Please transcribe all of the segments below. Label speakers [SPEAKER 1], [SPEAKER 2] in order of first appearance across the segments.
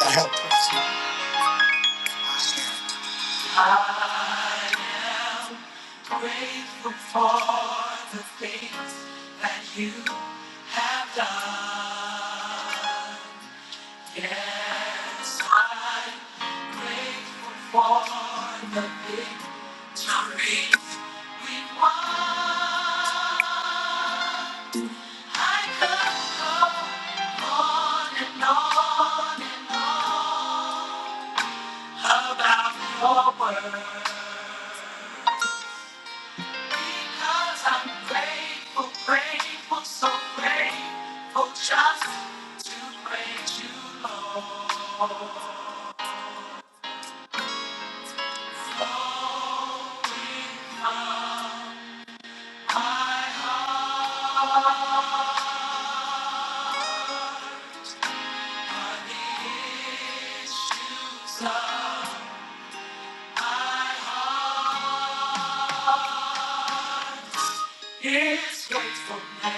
[SPEAKER 1] I help us. Because I'm grateful, grateful, so grateful Just to praise you, Lord, The issues of my heart. is faithfulness.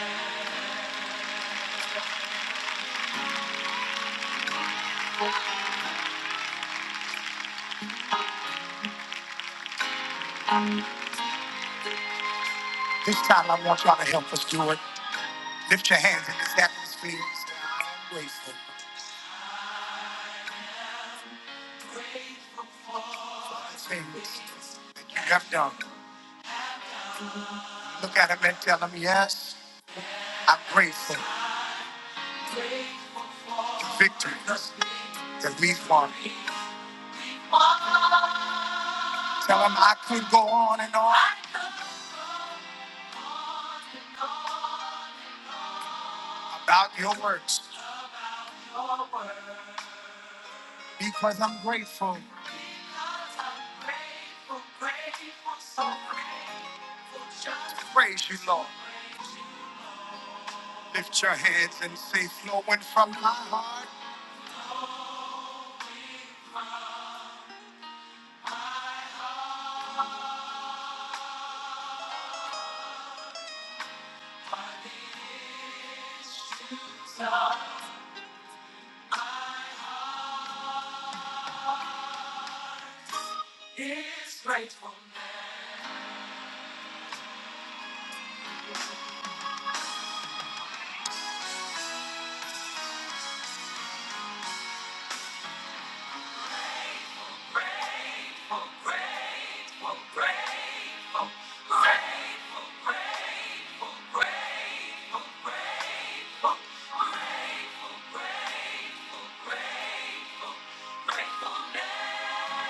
[SPEAKER 1] This time I want y'all to help us do it. Lift your hands in this atmosphere. and Say, I'm grateful for the things that you have done. Look at him and tell him, yes, I'm grateful for the victories that we've won. Tell him I could go on and on about your works. Because I'm grateful. Because I'm grateful, grateful, so grateful. Just praise you, Lord. Lift your hands and say, flowing from my heart. Are the issues of my heart. Is gratefulness. grateful, grateful, grateful, grateful, grateful, grateful, grateful, grateful. Grateful, grateful, grateful, grateful.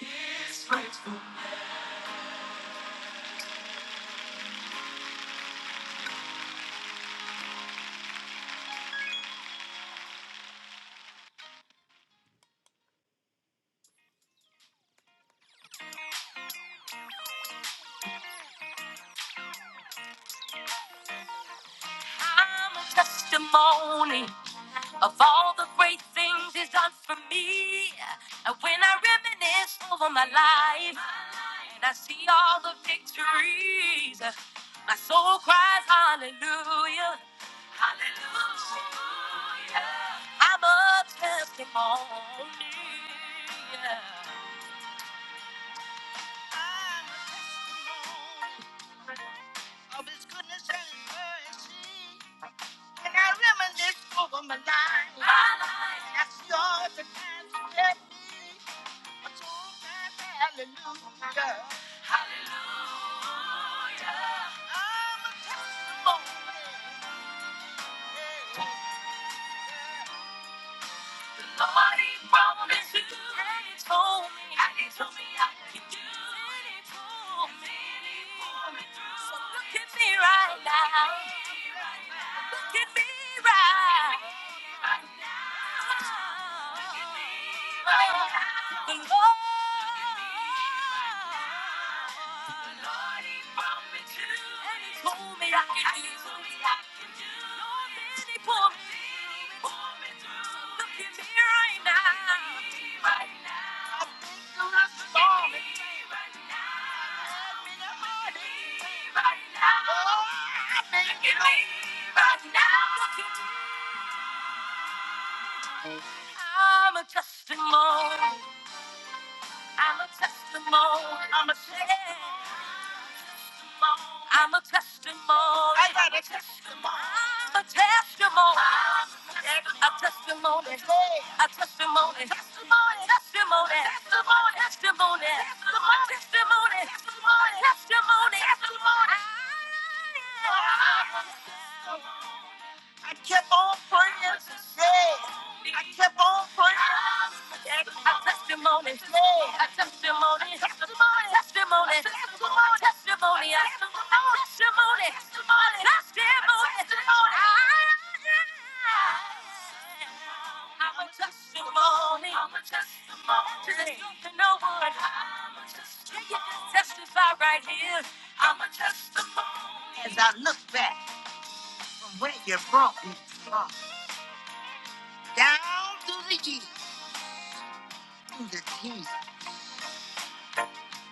[SPEAKER 1] It's faithful. I'm a testimony of all the great things he's done for me. And when I reminisce over my life and I see all the victories, my soul cries hallelujah. Hallelujah. I'm a testimony. I'm a testimony of his goodness and his mercy. And I reminisce over my life. My life. That's yours and mine to let me. A true time, hallelujah. Hallelujah. I'm a testimony. Yeah, yeah. yeah. Nobody promised me me me. me And he told me I can do it. He pulled me, and he pulled me through. So Look at me right now. Look at me right now. Look at me I'm a testimony. I'm a testimony. I'm a testimony. I got a testimony. I'm a testimony. A testimony. A testimony. Testimony. Testimony. Testimony. Testimony. Testimony. Testimony. Testimony. Testimony. I kept on praying. Yeah. I kept on praying. I testimony. Yeah. I testimony. Testimony. Testimony. Testimony. Testimony. I Testimony. Testimony. Testimony. I'm a testimony. I'm a testimony. To the to no one. I'm a testimony. Can you just testify right here? I'm a testimony. As I look back from where you brought me from down to the teeth. The teeth.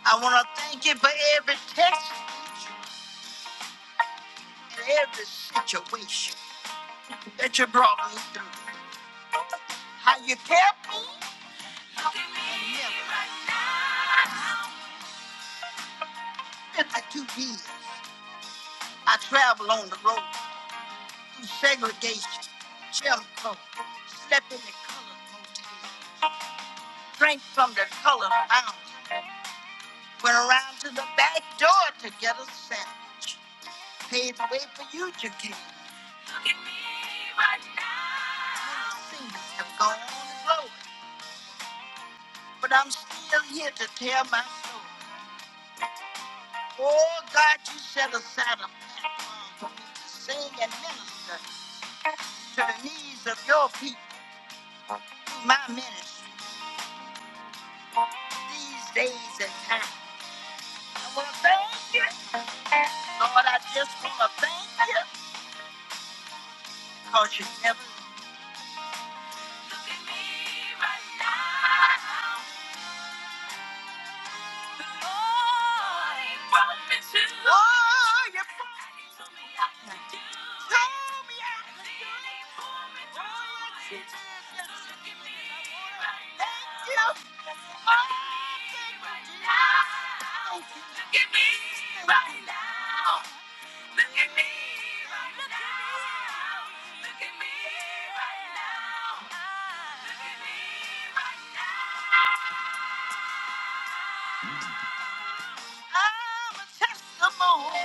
[SPEAKER 1] I want to thank you for every test, and every situation that you brought me through. How you kept me and never 52 years. I traveled on the road through segregation, Jim Crow, slept in the colored motel, drank from the colored fountain, went around to the back door to get a sandwich, paid the way for you to get. in me right now. Seasons have gone and flown, but I'm still here to tell my story. Oh God, you set aside a platform for me to sing and minister to the needs of your people through my ministry these days and times. I want to thank you, Lord. I just want to thank you because you never leave me right now. Oh, you told me I could do. Told me I could do. Oh, you did. Thank you. Oh, thank you, Jesus. Look at me right now. Look at me right now. Look at me right now. Look at me right now. I'm a testimony.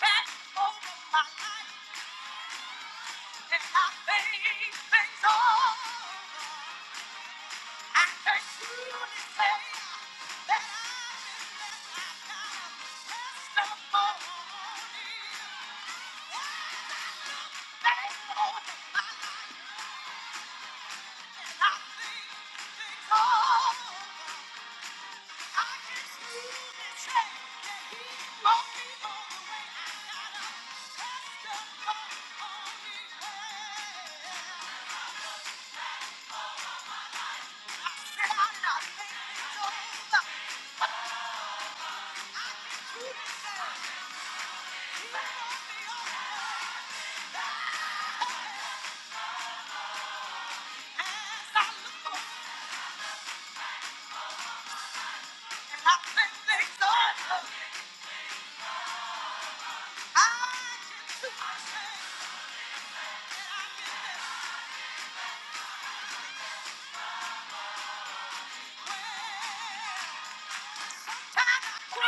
[SPEAKER 1] Back over. Sometimes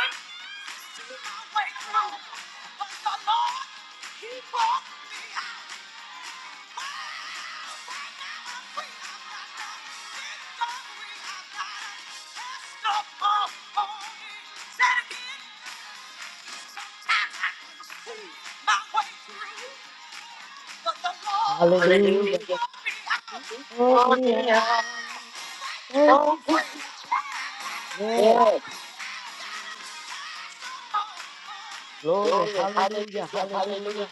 [SPEAKER 1] I See my way through, but the Lord, He brought me out. Wow. Right now I'm free, I've got the victory, I've got a testimony. Say it again, Sometimes I can see my way through, but the Lord
[SPEAKER 2] Hallelujah.
[SPEAKER 1] brought
[SPEAKER 2] He
[SPEAKER 1] me
[SPEAKER 2] poured me out. Thank you, Jesus. Yes.
[SPEAKER 1] out
[SPEAKER 2] Glory. Hallelujah. Hallelujah.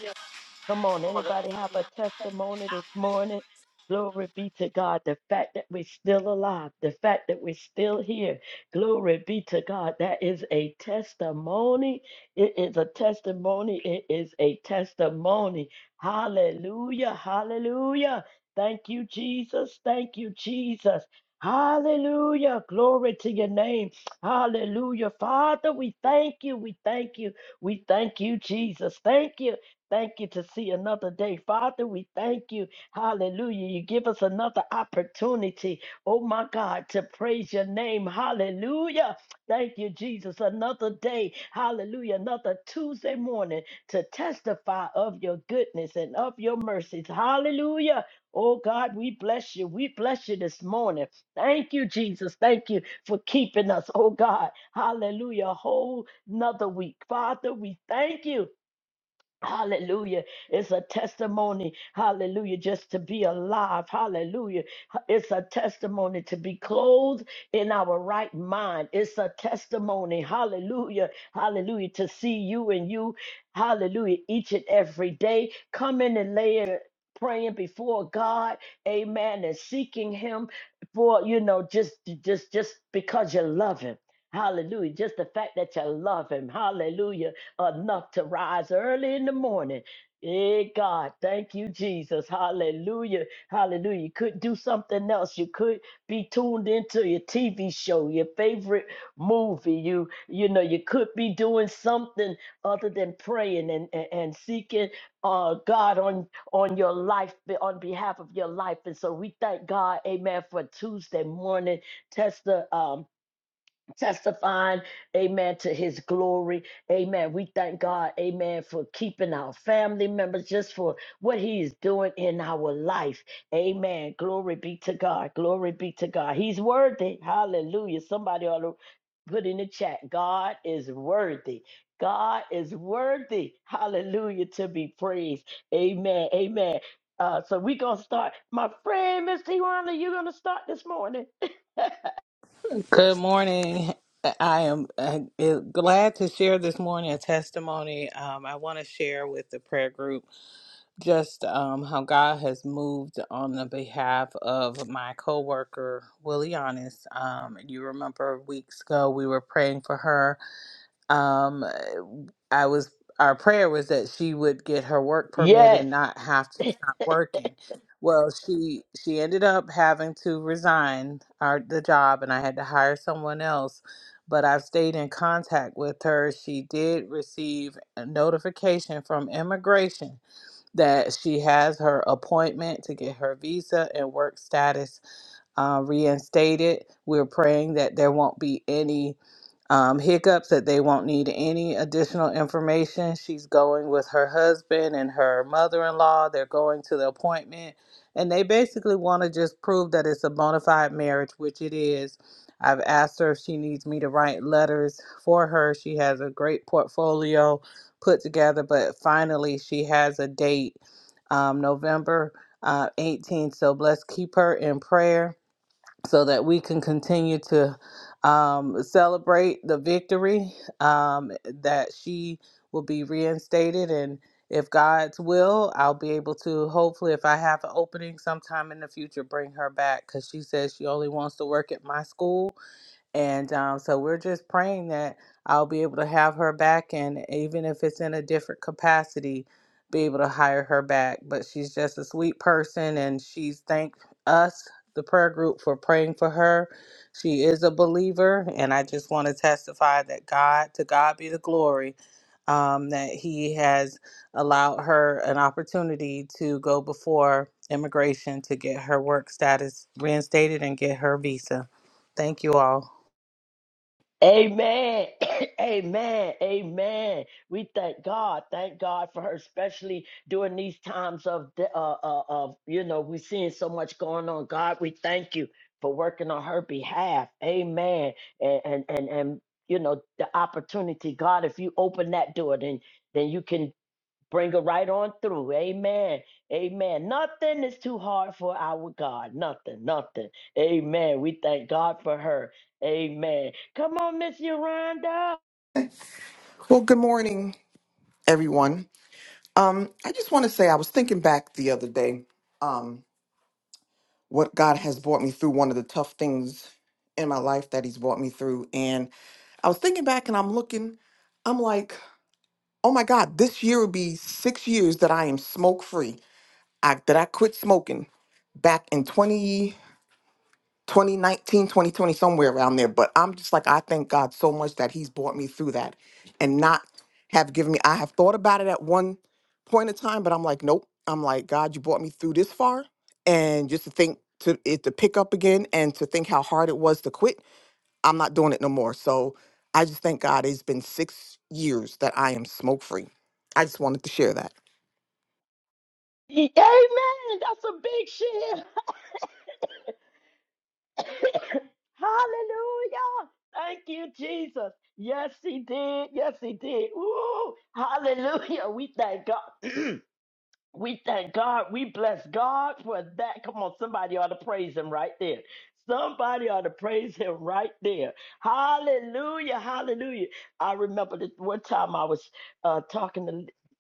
[SPEAKER 2] Come on, anybody have a testimony this morning? Glory be to God. The fact that we're still alive, the fact that we're still here. Glory be to God. That is a testimony. It is a testimony. It is a testimony. Hallelujah. Hallelujah. Thank you, Jesus. Thank you, Jesus. Hallelujah. Glory to your name. Hallelujah. Father, we thank you. We thank you. We thank you, Jesus. Thank you. Thank you to see another day. Father, we thank you. Hallelujah. You give us another opportunity, oh my God, to praise your name. Hallelujah. Thank you, Jesus. Another day. Hallelujah. Another Tuesday morning to testify of your goodness and of your mercies. Hallelujah. Oh God, we bless you. We bless you this morning. Thank you, Jesus. Thank you for keeping us. Oh God. Hallelujah. A whole nother week. Father, we thank you. Hallelujah. It's a testimony. Hallelujah. Just to be alive. Hallelujah. It's a testimony to be clothed in our right mind. It's a testimony. Hallelujah. Hallelujah. To see you and you. Hallelujah. Each and every day. Come in and lay it- Praying before God, Amen, and seeking Him for you know just just just because you love Him, Hallelujah. Just the fact that you love Him, Hallelujah enough to rise early in the morning. Hey God, thank you, Jesus. Hallelujah. Hallelujah. You could do something else. You could be tuned into your TV show, your favorite movie. You, you know, you could be doing something other than praying and, and, and seeking uh God on on your life, on behalf of your life. And so we thank God, amen, for Tuesday morning test um, testifying, amen, to his glory. Amen. We thank God, amen, for keeping our family members, just for what he is doing in our life. Amen. Glory be to God. Glory be to God. He's worthy. Hallelujah. Somebody ought to put in the chat God is worthy. God is worthy. Hallelujah. To be praised. Amen. Amen. Uh, so we're going to start. My friend, Miss Tiwana, you're going to start this morning.
[SPEAKER 3] Good morning. I am uh, glad to share this morning a testimony. Um, I want to share with the prayer group just um, how God has moved on the behalf of my coworker Willie Honest. Um, you remember weeks ago we were praying for her um, I was our prayer was that she would get her work permit
[SPEAKER 2] Yes.
[SPEAKER 3] and not have to stop working. Well, she she ended up having to resign our the job, and I had to hire someone else. But I've stayed in contact with her. She did receive a notification from immigration that she has her appointment to get her visa and work status uh, reinstated. We're praying that there won't be any um, hiccups, that they won't need any additional information. She's going with her husband and her mother in law. They're going to the appointment. And they basically want to just prove that it's a bona fide marriage, which it is. I've asked her if she needs me to write letters for her. She has a great portfolio put together, but finally she has a date um, November uh, 18th. So let's keep her in prayer so that we can continue to um, celebrate the victory um, that she will be reinstated and if god's will i'll be able to hopefully if i have an opening sometime in the future bring her back because she says she only wants to work at my school and um, so we're just praying that I'll be able to have her back, and even if it's in a different capacity, be able to hire her back. But she's just a sweet person, and she's thanked us, the prayer group, for praying for her. She is a believer, and I just want to testify that God, to God be the glory, um, that He has allowed her an opportunity to go before immigration to get her work status reinstated and get her visa. Thank you all.
[SPEAKER 2] Amen. Amen. Amen. We thank God. Thank God for her, especially during these times of the- uh, uh of you know we're seeing so much going on. God, we thank you for working on her behalf. Amen. And and and, and you know the opportunity, God, if you open that door, then then you can. Bring her right on through. Amen. Amen. Nothing is too hard for our God. Nothing. Nothing. Amen. We thank God for her. Amen. Come on, Miss Yolanda.
[SPEAKER 4] Well, good morning, everyone. Um, I just want to say I was thinking back the other day, um, what God has brought me through, one of the tough things in my life that He's brought me through. And I was thinking back and I'm looking, I'm like, oh my God, this year will be six years that I am smoke free, I, that I quit smoking back in 2020. 2019, 2020, somewhere around there. But I'm just like, I thank God so much that He's brought me through that and not have given me, I have thought about it at one point in time, but I'm like, nope. I'm like, God, you brought me through this far. And just to think, to it to pick up again and to think how hard it was to quit, I'm not doing it no more. So I just thank God it's been six years that I am smoke free. I just wanted to share that.
[SPEAKER 2] Amen. That's a big shit. Hallelujah. Thank you, Jesus. Yes, he did. Yes, he did. Woo. Hallelujah. We thank God. We thank God. We bless God for that. Come on, somebody ought to praise him right there. Somebody ought to praise him right there. Hallelujah. Hallelujah. I remember that one time I was uh, talking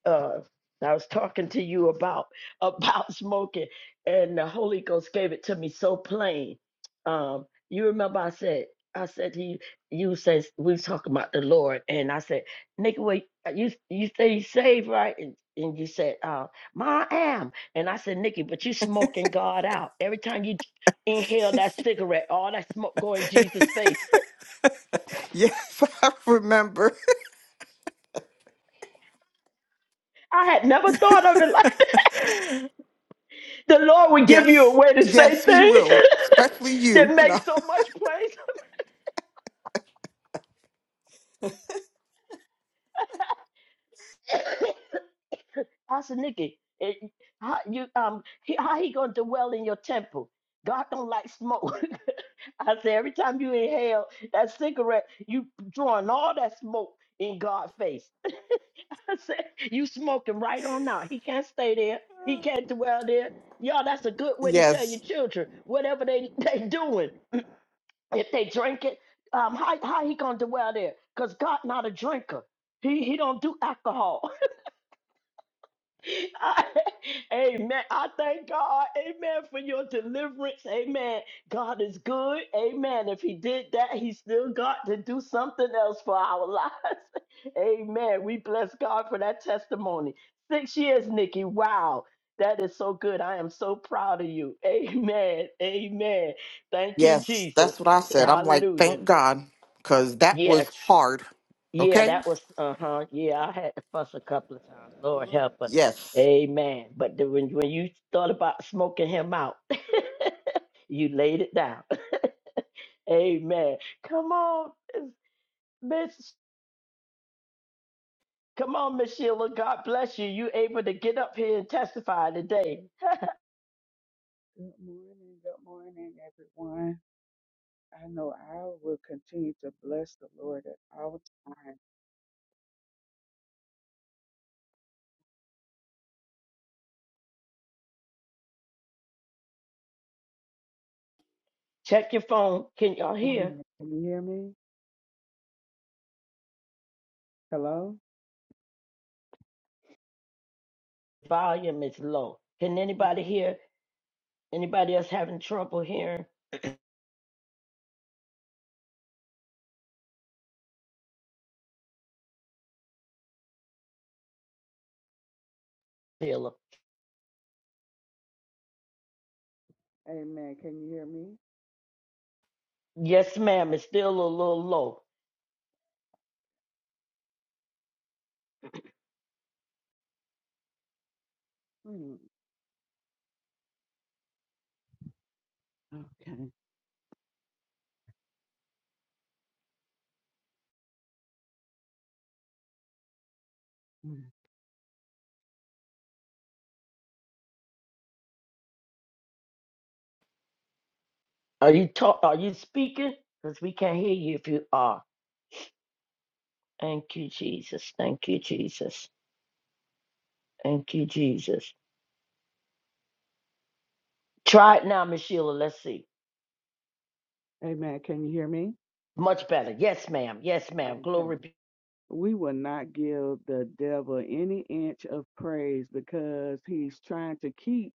[SPEAKER 2] to uh, I was talking to you about about smoking, and the Holy Ghost gave it to me so plain. Um, you remember I said I said to you, you says we was talking about the Lord, and I said, Nikki, wait, you you say you saved, right? And, and you said, uh, Ma, I am. And I said, Nikki, but you smoking God out. Every time you inhale that cigarette, all that smoke go in Jesus' face.
[SPEAKER 4] Yes, I remember.
[SPEAKER 2] I had never thought of it like that. The Lord would give you a
[SPEAKER 4] Yes,
[SPEAKER 2] way to say
[SPEAKER 4] yes, he
[SPEAKER 2] things
[SPEAKER 4] will, especially you.
[SPEAKER 2] that make
[SPEAKER 4] No.
[SPEAKER 2] so much place. I said, Nikki, it, how you um he, how he gonna dwell in your temple? God don't like smoke. I said, every time you inhale that cigarette, you drawing all that smoke in God's face. I said, you smoking right on now. He can't stay there. He can't dwell there. Y'all, that's a good way to tell your
[SPEAKER 4] Yes,
[SPEAKER 2] children whatever they they doing. If they drink it, um, how how he gonna dwell there? Cause God not a drinker. He he don't do alcohol. I- amen. I thank God. Amen. For your deliverance. Amen. God is good. Amen. If He did that, He still got to do something else for our lives. Amen. We bless God for that testimony. Six years, Nikki. Wow. That is so good. I am so proud of you. Amen. Amen. Thank you,
[SPEAKER 4] yes,
[SPEAKER 2] Jesus.
[SPEAKER 4] that's what I said. I'm like,
[SPEAKER 2] Hallelujah.
[SPEAKER 4] thank God, because that was
[SPEAKER 2] Yes.
[SPEAKER 4] hard.
[SPEAKER 2] Yeah,
[SPEAKER 4] Okay?
[SPEAKER 2] that was uh huh. Yeah, I had to fuss a couple of times. Lord help us,
[SPEAKER 4] Yes.
[SPEAKER 2] Amen. But the, when when you thought about smoking him out, you laid it down. Amen. Come on, Miss. Come on, Miss Sheila. God bless you. You able to get up here and testify today?
[SPEAKER 5] Good morning, good morning, everyone. I know I will continue to bless the Lord at all times.
[SPEAKER 2] Check your phone. Can y'all hear?
[SPEAKER 5] Amen. Can you hear me? Hello?
[SPEAKER 2] Volume is low. Can anybody hear? Anybody else having trouble hearing? Sheila.
[SPEAKER 5] Amen. Can you hear me?
[SPEAKER 2] Yes, ma'am. It's still a little low.
[SPEAKER 5] Hmm. Okay. Hmm.
[SPEAKER 2] Are you talk? Are you speaking? Because we can't hear you if you are. Thank you, Jesus. Thank you, Jesus. Thank you, Jesus. Try it now, Miss Sheila. Let's see.
[SPEAKER 5] Amen. Can you hear me?
[SPEAKER 2] Much better. Yes, ma'am. Yes, ma'am.
[SPEAKER 5] Okay.
[SPEAKER 2] Glory.
[SPEAKER 5] We will not give the devil any inch of praise because he's trying to keep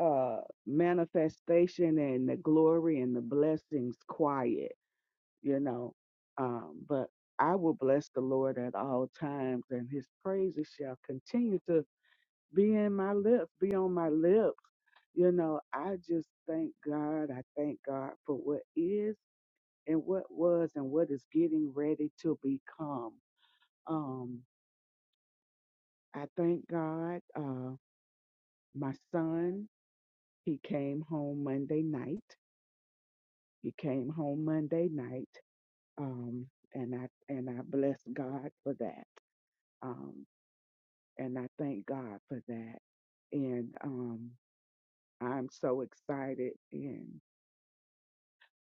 [SPEAKER 5] uh manifestation and the glory and the blessings quiet. you know. Um, but I will bless the Lord at all times, and his praises shall continue to be in my lips, be on my lips. You know, I just thank God. I thank God for what is and what was and what is getting ready to become. Um, I thank God. Uh, my son, he came home Monday night. He came home Monday night. Um, and I and I bless God for that. Um, and I thank God for that. And um, I'm so excited. And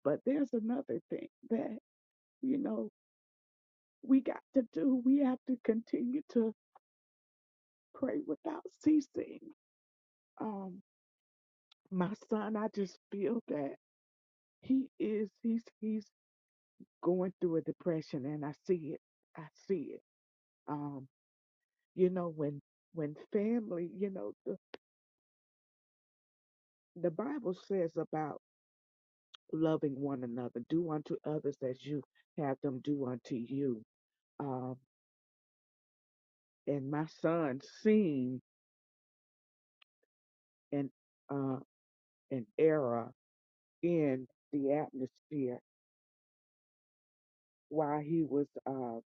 [SPEAKER 5] but there's another thing that you know we got to do. We have to continue to pray without ceasing. Um, my son, I just feel that he is he's he's going through a depression, and I see it. I see it. Um, you know when when family, you know the the Bible says about loving one another. Do unto others as you have them do unto you. Um, and my son seen an uh, an error in the atmosphere while he was um,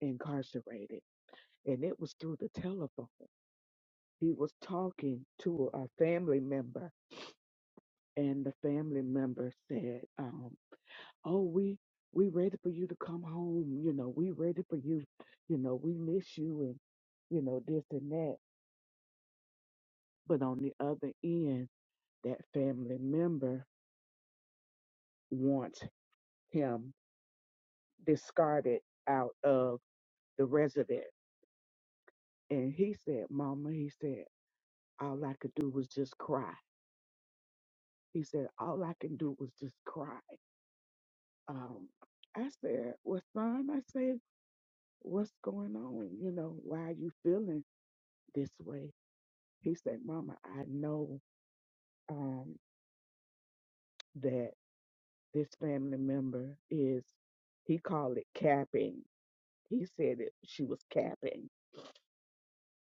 [SPEAKER 5] incarcerated, and it was through the telephone. He was talking to a family member, and the family member said, um, "Oh, we." We ready for you to come home, you know. We ready for you, you know. We miss you, and you know this and that But on the other end, that family member wants him discarded out of the resident. And he said, Mama, he said, all I could do was just cry. He said, all I can do was just cry. Um, I said, well, son, I said, what's going on? You know, why are you feeling this way? He said, Mama, I know um, that this family member is, he called it capping he said that she was capping.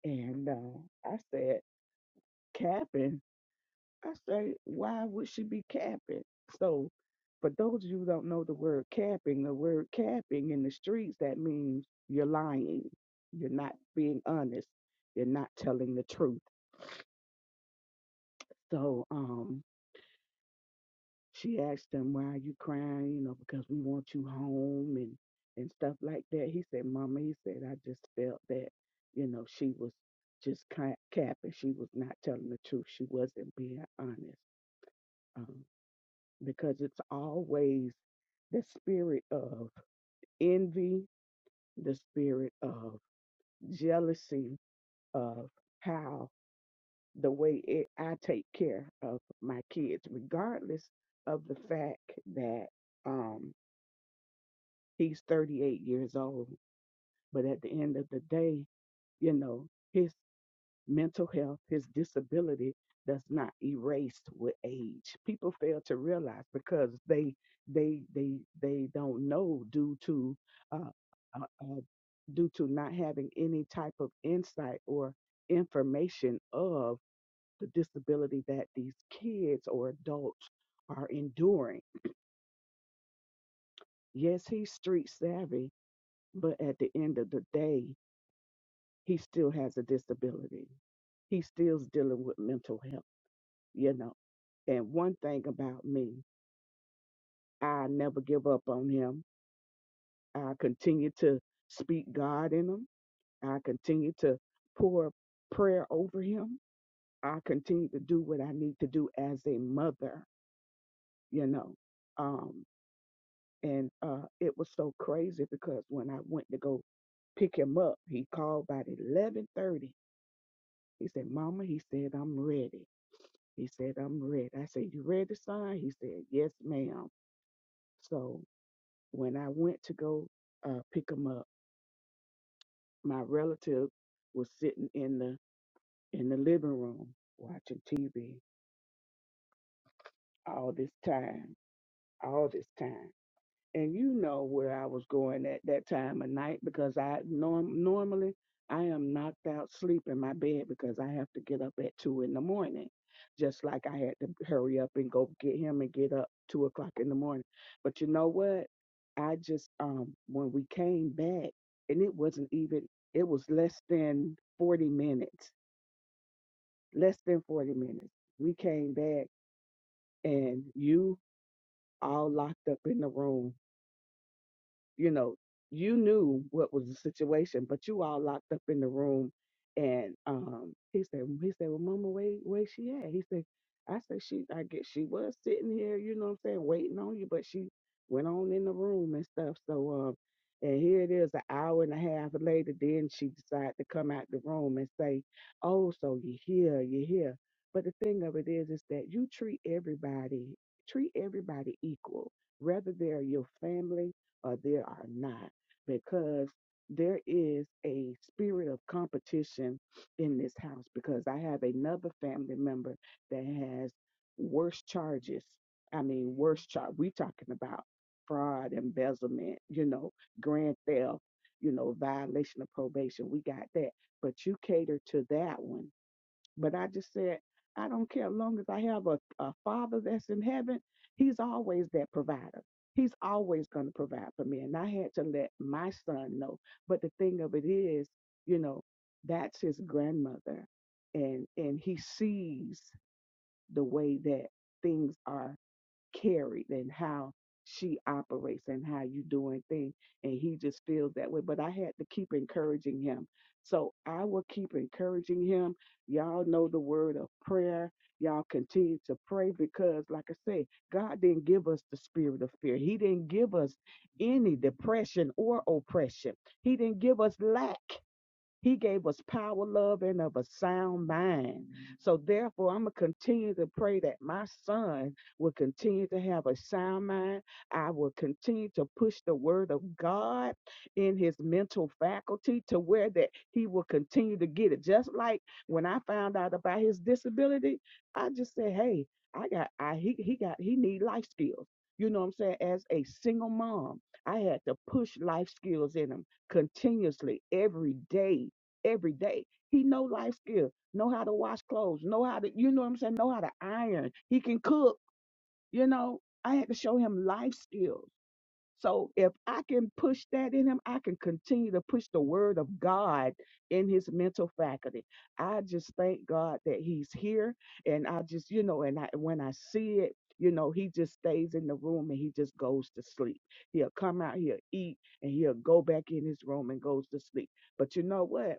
[SPEAKER 5] And uh, I said, capping? I said, why would she be capping? So, for those of you who don't know the word capping, the word capping in the streets, that means you're lying. You're not being honest. You're not telling the truth. So, um, she asked him, Why are you crying? You know, because we want you home and, and stuff like that. He said, Mama, he said, I just felt that, you know, she was just ca- capping. She was not telling the truth. She wasn't being honest. Um, because it's always the spirit of envy, the spirit of jealousy, of how the way it, I take care of my kids, regardless of the fact that. um, He's 38 years old, but at the end of the day, you know, his mental health, his disability does not erase with age. People fail to realize because they they they they don't know due to uh, uh, uh, due to not having any type of insight or information of the disability that these kids or adults are enduring. Yes, he's street savvy, but at the end of the day, he still has a disability. He still's dealing with mental health, you know. And one thing about me, I never give up on him. I continue to speak God in him. I continue to pour prayer over him. I continue to do what I need to do as a mother, you know. Um, and uh, it was so crazy because when I went to go pick him up, he called about 11:30. He said, "Mama," he said, "I'm ready." He said, I'm ready. I said, You ready to sign? He said, Yes, ma'am. So when I went to go uh, pick him up, my relative was sitting in the in the living room watching TV all this time, all this time. and you know where I was going at that time of night because I norm normally I am knocked out sleep in my bed because I have to get up at two in the morning. Just like I had to hurry up and go get him and get up two o'clock in the morning. But you know what? I just um when we came back and it wasn't even it was less than forty minutes. Less than forty minutes. We came back and you all locked up in the room you know, you knew what was the situation, but you all locked up in the room. And um, he said, he said, well, Mama, where, where she at? He said, I said, she, I guess she was sitting here, you know what I'm saying, waiting on you, but she went on in the room and stuff. So, um, and here it is, an hour and a half later. Then she decided to come out the room and say, "Oh, so you here, you here." But the thing of it is, is that you treat everybody, treat everybody equal, whether they're your family, or there are not, because there is a spirit of competition in this house. Because I have another family member that has worse charges. I mean, worse charge. We talking about fraud, embezzlement, you know, grand theft, you know, violation of probation. We got that, but you cater to that one but I just said, I don't care. As long as I have a, a father that's in heaven, he's always that provider. He's always going to provide for me. And I had to let my son know. But the thing of it is, you know, that's his grandmother. And, and he sees the way that things are carried and how she operates and how you doing things. And he just feels that way. But I had to keep encouraging him. So I will keep encouraging him. Y'all know the word of prayer. Y'all continue to pray because, like I say, God didn't give us the spirit of fear. He didn't give us any depression or oppression. He didn't give us lack. He gave us power, love, and of a sound mind. So, therefore, I'm going to continue to pray that my son will continue to have a sound mind. I will continue to push the word of God in his mental faculty to where that he will continue to get it. Just like when I found out about his disability, I just said, "Hey, I got, I he he got, he need life skills." You know what I'm saying? As a single mom, I had to push life skills in him continuously every day every day. He know life skills, know how to wash clothes, know how to, you know what I'm saying, know how to iron. He can cook, you know. I had to show him life skills. So if I can push that in him, I can continue to push the word of God in his mental faculty. I just thank God that he's here. And I just, you know, and I when I see it, you know, he just stays in the room and he just goes to sleep. He'll come out, he'll eat, and he'll go back in his room and goes to sleep. But you know what?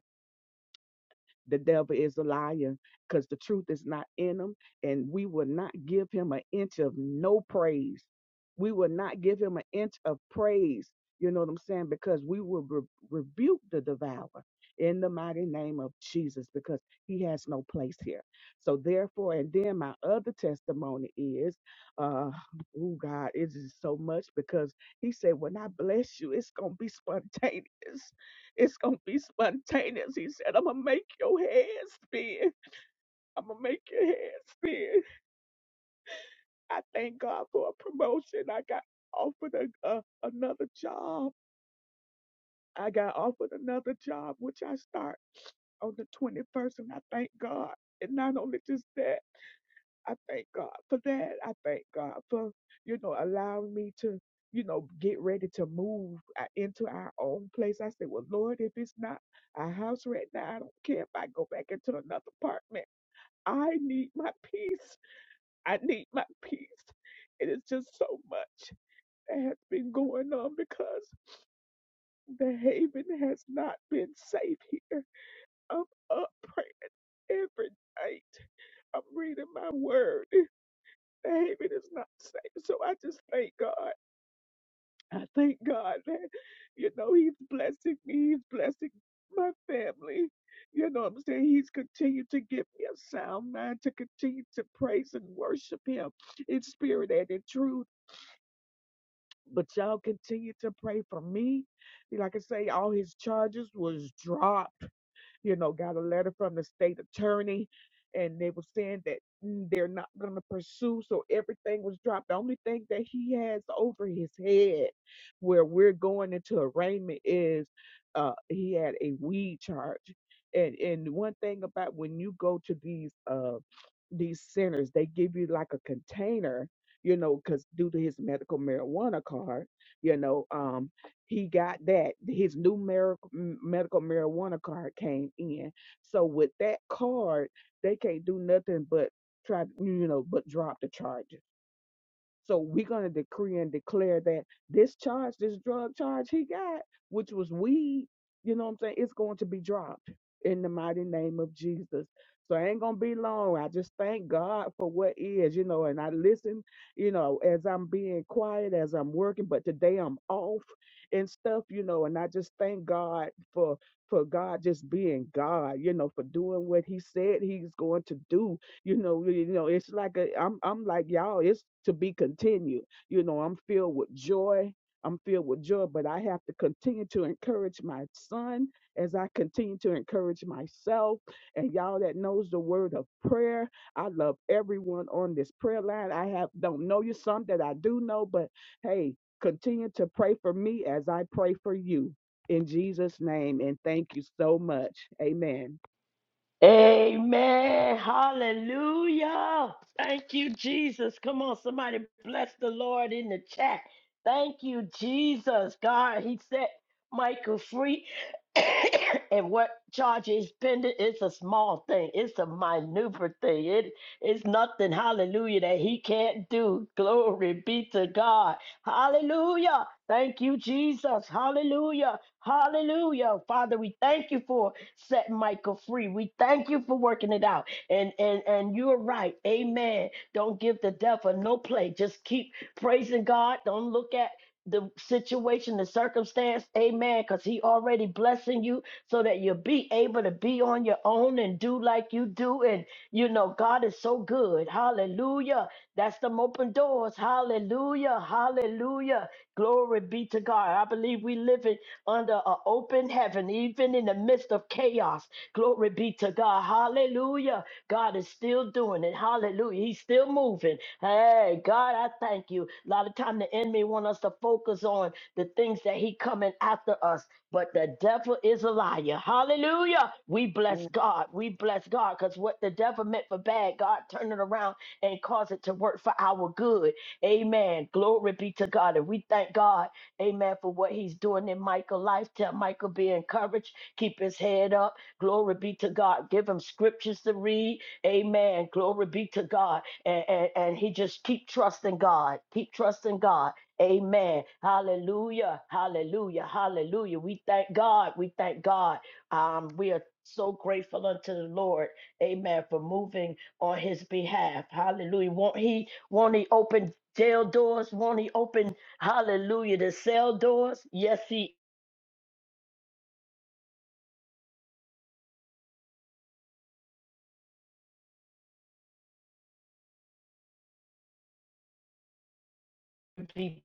[SPEAKER 5] The devil is a liar because the truth is not in him, and we will not give him an inch of no praise. We will not give him an inch of praise. You know what I'm saying? Because we will re- rebuke the devourer in the mighty name of Jesus because he has no place here. So, therefore, and then my other testimony is, uh, oh God, it is so much because he said, when I bless you, it's going to be spontaneous. It's gonna be spontaneous. He said, I'm gonna make your head spin. I'm gonna make your head spin. I thank God for a promotion. I got offered a, a, another job. I got offered another job, which I start on the 21st, and I thank God. And not only just that. I thank God for that. I thank God for, you know, allowing me to, you know, get ready to move uh, into our own place. I said, well, Lord, if it's not our house right now, I don't care if I go back into another apartment. I need my peace. I need my peace. It is just so much that has been going on because the haven has not been safe here. I'm up praying every night. I'm reading my word behaving is not safe. So I just thank God. I thank God that, you know, He's blessing me. He's blessing my family. You know what I'm saying? He's continued to give me a sound mind to continue to praise and worship Him in spirit and in truth. But y'all continue to pray for me. Like I say, all His charges was dropped you know, got a letter from the state attorney and they were saying that mm, they're not going to pursue. So everything was dropped. The only thing that he has over his head where we're going into arraignment is uh, he had a weed charge. And, and one thing about when you go to these uh, these centers they give you like a container you know because due to his medical marijuana card you know um he got that his new mar- m- medical marijuana card came in so with that card they can't do nothing but try you know but drop the charges so we're going to decree and declare that this charge, this drug charge he got, which was weed, you know what I'm saying, it's going to be dropped in the mighty name of Jesus. So it ain't going to be long. I just thank God for what is, you know, and I listen, you know, as I'm being quiet, as I'm working, but today I'm off and stuff, you know, and I just thank God for for God just being God, you know, for doing what he said he's going to do you know you know it's like a, i'm i'm like y'all it's to be continued you know i'm filled with joy i'm filled with joy but i have to continue to encourage my son as i continue to encourage myself and y'all that knows the word of prayer i love everyone on this prayer line i have don't know you some that i do know but hey continue to pray for me as i pray for you in jesus name and thank you so much amen
[SPEAKER 2] Amen. Hallelujah. Thank you, Jesus. Come on, somebody bless the Lord in the chat. Thank you, Jesus. God, He set Michael free. and what charge is pending It's a small thing, it's a maneuver thing. It is nothing, hallelujah, that He can't do. Glory be to God. Hallelujah. Thank you, Jesus. Hallelujah. Hallelujah. Father, we thank you for set Michael free. We thank you for working it out. And and and you're right. Amen. Don't give the devil no play. Just keep praising God. Don't look at the situation, the circumstance, amen, because he already blessing you so that you'll be able to be on your own and do like you do. And you know, God is so good. Hallelujah. That's them open doors. Hallelujah. Hallelujah. Glory be to God. I believe we live in under an open heaven, even in the midst of chaos. Glory be to God. Hallelujah. God is still doing it. Hallelujah. He's still moving. Hey, God, I thank you. A lot of time the enemy want us to focus on the things that he coming after us, but the devil is a liar. Hallelujah. We bless God. We bless God because what the devil meant for bad, God turned it around and cause it to work for our good. Amen. Glory be to God. And we thank God. Amen. For what he's doing in Michael's life. Tell Michael be encouraged. Keep his head up. Glory be to God. Give him scriptures to read. Amen. Glory be to God. And, and, and he just keep trusting God. Keep trusting God. Amen. Hallelujah. Hallelujah. Hallelujah. We thank God. We thank God. Um, we are so grateful unto the Lord. Amen. For moving on his behalf. Hallelujah. Won't he won't he open jail doors? Won't he open Hallelujah. The cell doors, yes, he be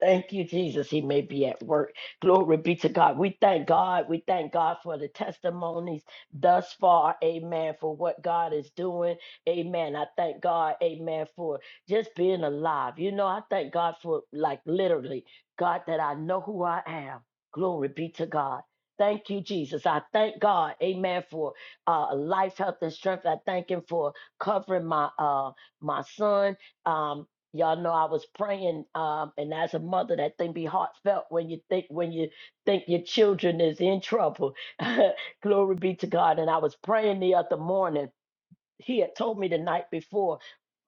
[SPEAKER 2] Thank you, Jesus. He may be at work. Glory be to God. We thank God. We thank God for the testimonies thus far. Amen. For what God is doing. Amen. I thank God. Amen. For just being alive. You know, I thank God for, like, literally, God, that I know who I am. Glory be to God. Thank you, Jesus. I thank God, Amen, for uh, life, health, and strength. I thank Him for covering my uh, my son. Um, Y'all know I was praying, um, and as a mother, that thing be heartfelt when you think when you think your children is in trouble. Glory be to God. And I was praying the other morning. He had told me the night before,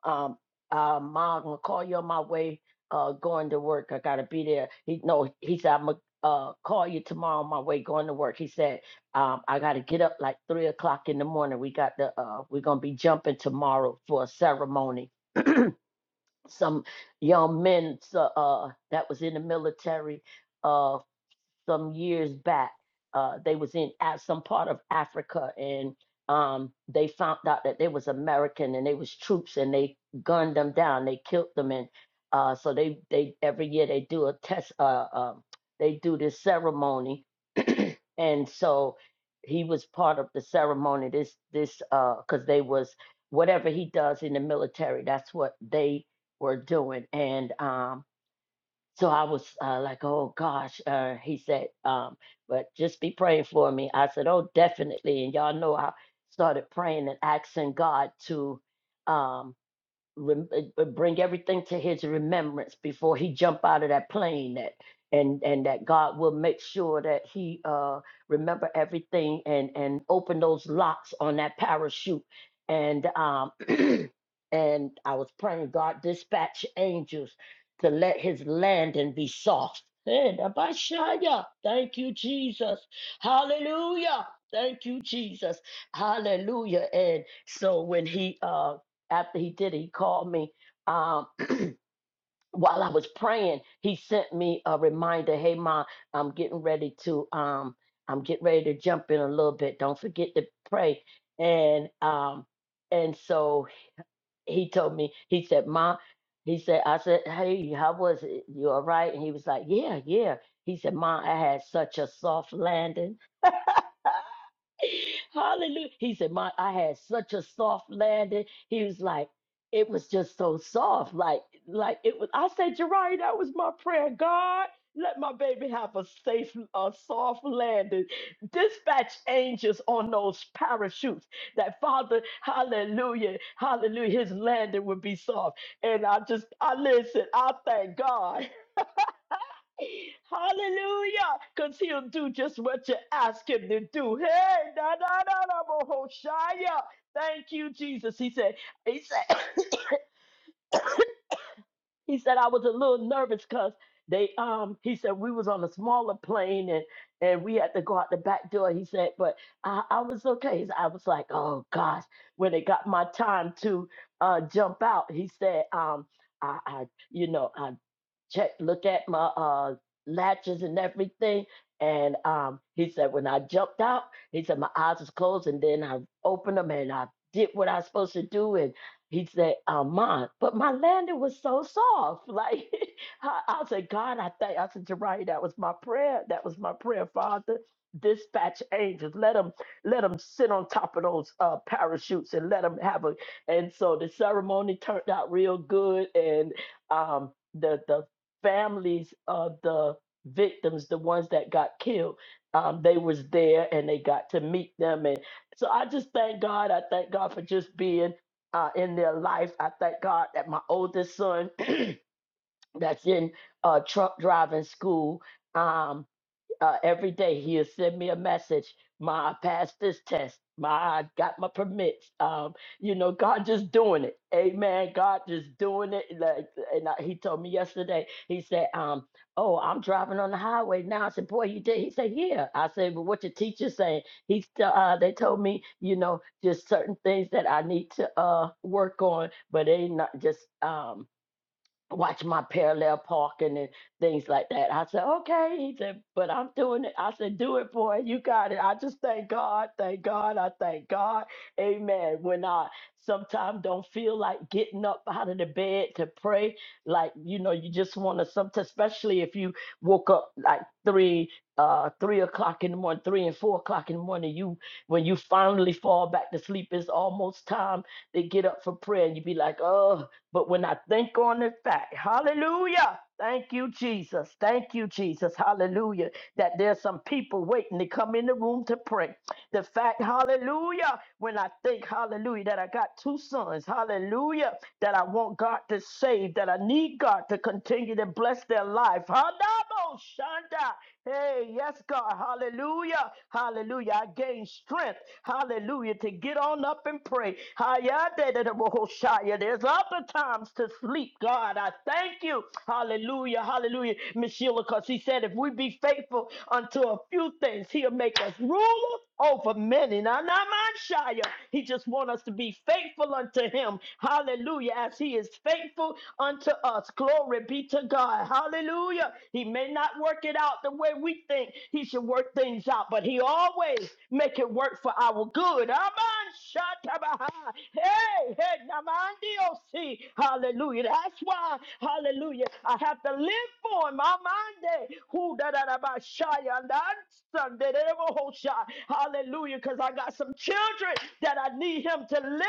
[SPEAKER 2] um, uh, Ma, I'm gonna call you on my way, uh, going to work. I gotta be there. He no, he said I'm gonna uh call you tomorrow on my way going to work. He said, um, I gotta get up like three o'clock in the morning. We got the uh, we're gonna be jumping tomorrow for a ceremony some young men so, uh, that was in the military uh, some years back. Uh, they was in Af- some part of Africa, and um, they found out that they was American and they was troops, and they gunned them down. They killed them, and uh, so they they every year they do a test. Uh, um they do this ceremony, and so he was part of the ceremony this this uh because they was whatever he does in the military that's what they were doing and um so i was uh, like oh gosh uh he said um but just be praying for me i said oh definitely and y'all know i started praying and asking god to um rem- uh, uh, bring everything to his remembrance before he jump out of that plane that and and that God will make sure that he uh remember everything and and open those locks on that parachute and um and I was praying God dispatch angels to let his landing be soft. Hey, Abashaya. Thank you, Jesus. Hallelujah. Thank you, Jesus. Hallelujah. And so when he um after he did it, he called me. Um, while I was praying, he sent me a reminder. Hey, mom, I'm getting ready to um, I'm getting ready to jump in a little bit. Don't forget to pray. And um, and so he told me. He said, mom. He said, I said, hey, how was it? You all right? And he was like, yeah, yeah. He said, mom, I had such a soft landing. Hallelujah. He said, My I had such a soft landing. He was like, it was just so soft. Like, like it was. I said, Jerry, that was my prayer. God, let my baby have a safe, a soft landing. Dispatch angels on those parachutes. That Father, hallelujah, hallelujah, his landing would be soft. And I just, I listen, I thank God. Hallelujah! Because he'll do just what you ask him to do. Hey, na na na na Bohoshaya. Thank you, Jesus. He said, he said, he said, I was a little nervous because they um he said we was on a smaller plane and and we had to go out the back door. He said, but I, I was okay. He said, I was like, oh gosh, when it got my time to uh jump out, he said, um, I, I you know, I check look at my uh latches and everything and um he said when i jumped out he said my eyes was closed and then i opened them and i did what i was supposed to do and he said um mine but my landing was so soft like i, I said god i thank i said Jariah, that was my prayer that was my prayer father dispatch angels let them let them sit on top of those uh parachutes and let them have a and so the ceremony turned out real good and um the the families of the victims, the ones that got killed. Um, they was there and they got to meet them, and so I just thank God. I thank God for just being uh, in their life. I thank God that my oldest son, that's in uh, truck driving school, um, uh, every day he'll send me a message my i passed this test my i got my permits um you know god just doing it amen god just doing it like and I, he told me yesterday he said um oh i'm driving on the highway now i said boy you did he said yeah i said "But what your teacher saying he st- uh they told me you know just certain things that i need to uh work on but they not just um watch my parallel parking and things like that. I said, okay. He said, but I'm doing it. I said, do it, boy. You got it. I just thank God. Thank God. I thank God. Amen. When I sometimes don't feel like getting up out of the bed to pray, like, you know, you just want to sometimes, especially if you woke up like three, uh, three o'clock in the morning, three and four o'clock in the morning, you, when you finally fall back to sleep, it's almost time to get up for prayer and you be like, oh, but when I think on the fact, hallelujah, thank you, Jesus, thank you, Jesus, hallelujah, that there's some people waiting to come in the room to pray. The fact, hallelujah, when I think, hallelujah, that I got two sons, hallelujah, that I want God to save, that I need God to continue to bless their life. Hallelujah! Hey, yes, God. Hallelujah. Hallelujah. I gain strength. Hallelujah. To get on up and pray. Hayadadadabohoshaya. There's other times to sleep. God, I thank you. Hallelujah. Hallelujah. Miss Sheila, because he said if we be faithful unto a few things, he'll make us ruler over many. Now, not mine, Shia. He just want us to be faithful unto him. Hallelujah. Hallelujah. As he is faithful unto us. Glory be to God. Hallelujah. He may not work it out the way we think he should work things out, but he always make it work for our good. Amen. Shatabaha. Hey, hey, namandiosi. Hallelujah. That's why, hallelujah, I have to live for him. Amande. Who da da da ba shaya Hallelujah. Because I got some children that I need him to live.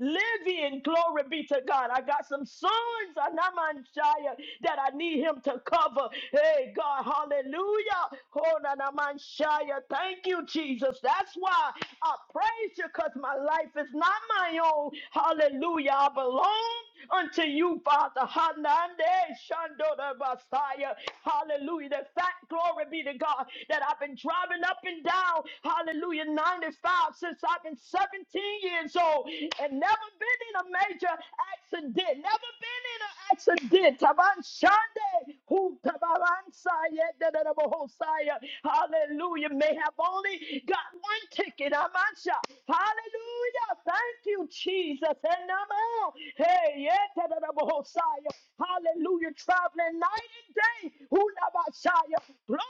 [SPEAKER 2] Live in glory be to God. I got some sons Anamanshaya, that I need him to cover. Hey, God. Hallelujah. Oh, Nanamanshaya. Thank you, Jesus. That's why I praise you because my life is not my own. Hallelujah. I belong unto you, Father. Hanande Shandora Messiah. Hallelujah. The fact, glory be to God, that I've been driving up and down, hallelujah, 95 since I've been 17 years old and never been in a major accident, never been in an accident. Taban Shande, who Tabaransaya, Dadadabahosaya. Hallelujah. May have only got one ticket. Amansha. Hallelujah. Thank you, Jesus. And I'm out. Hey, yeah, tadadabahosaya. Hallelujah. Traveling night and day. Hulabashaya. Glory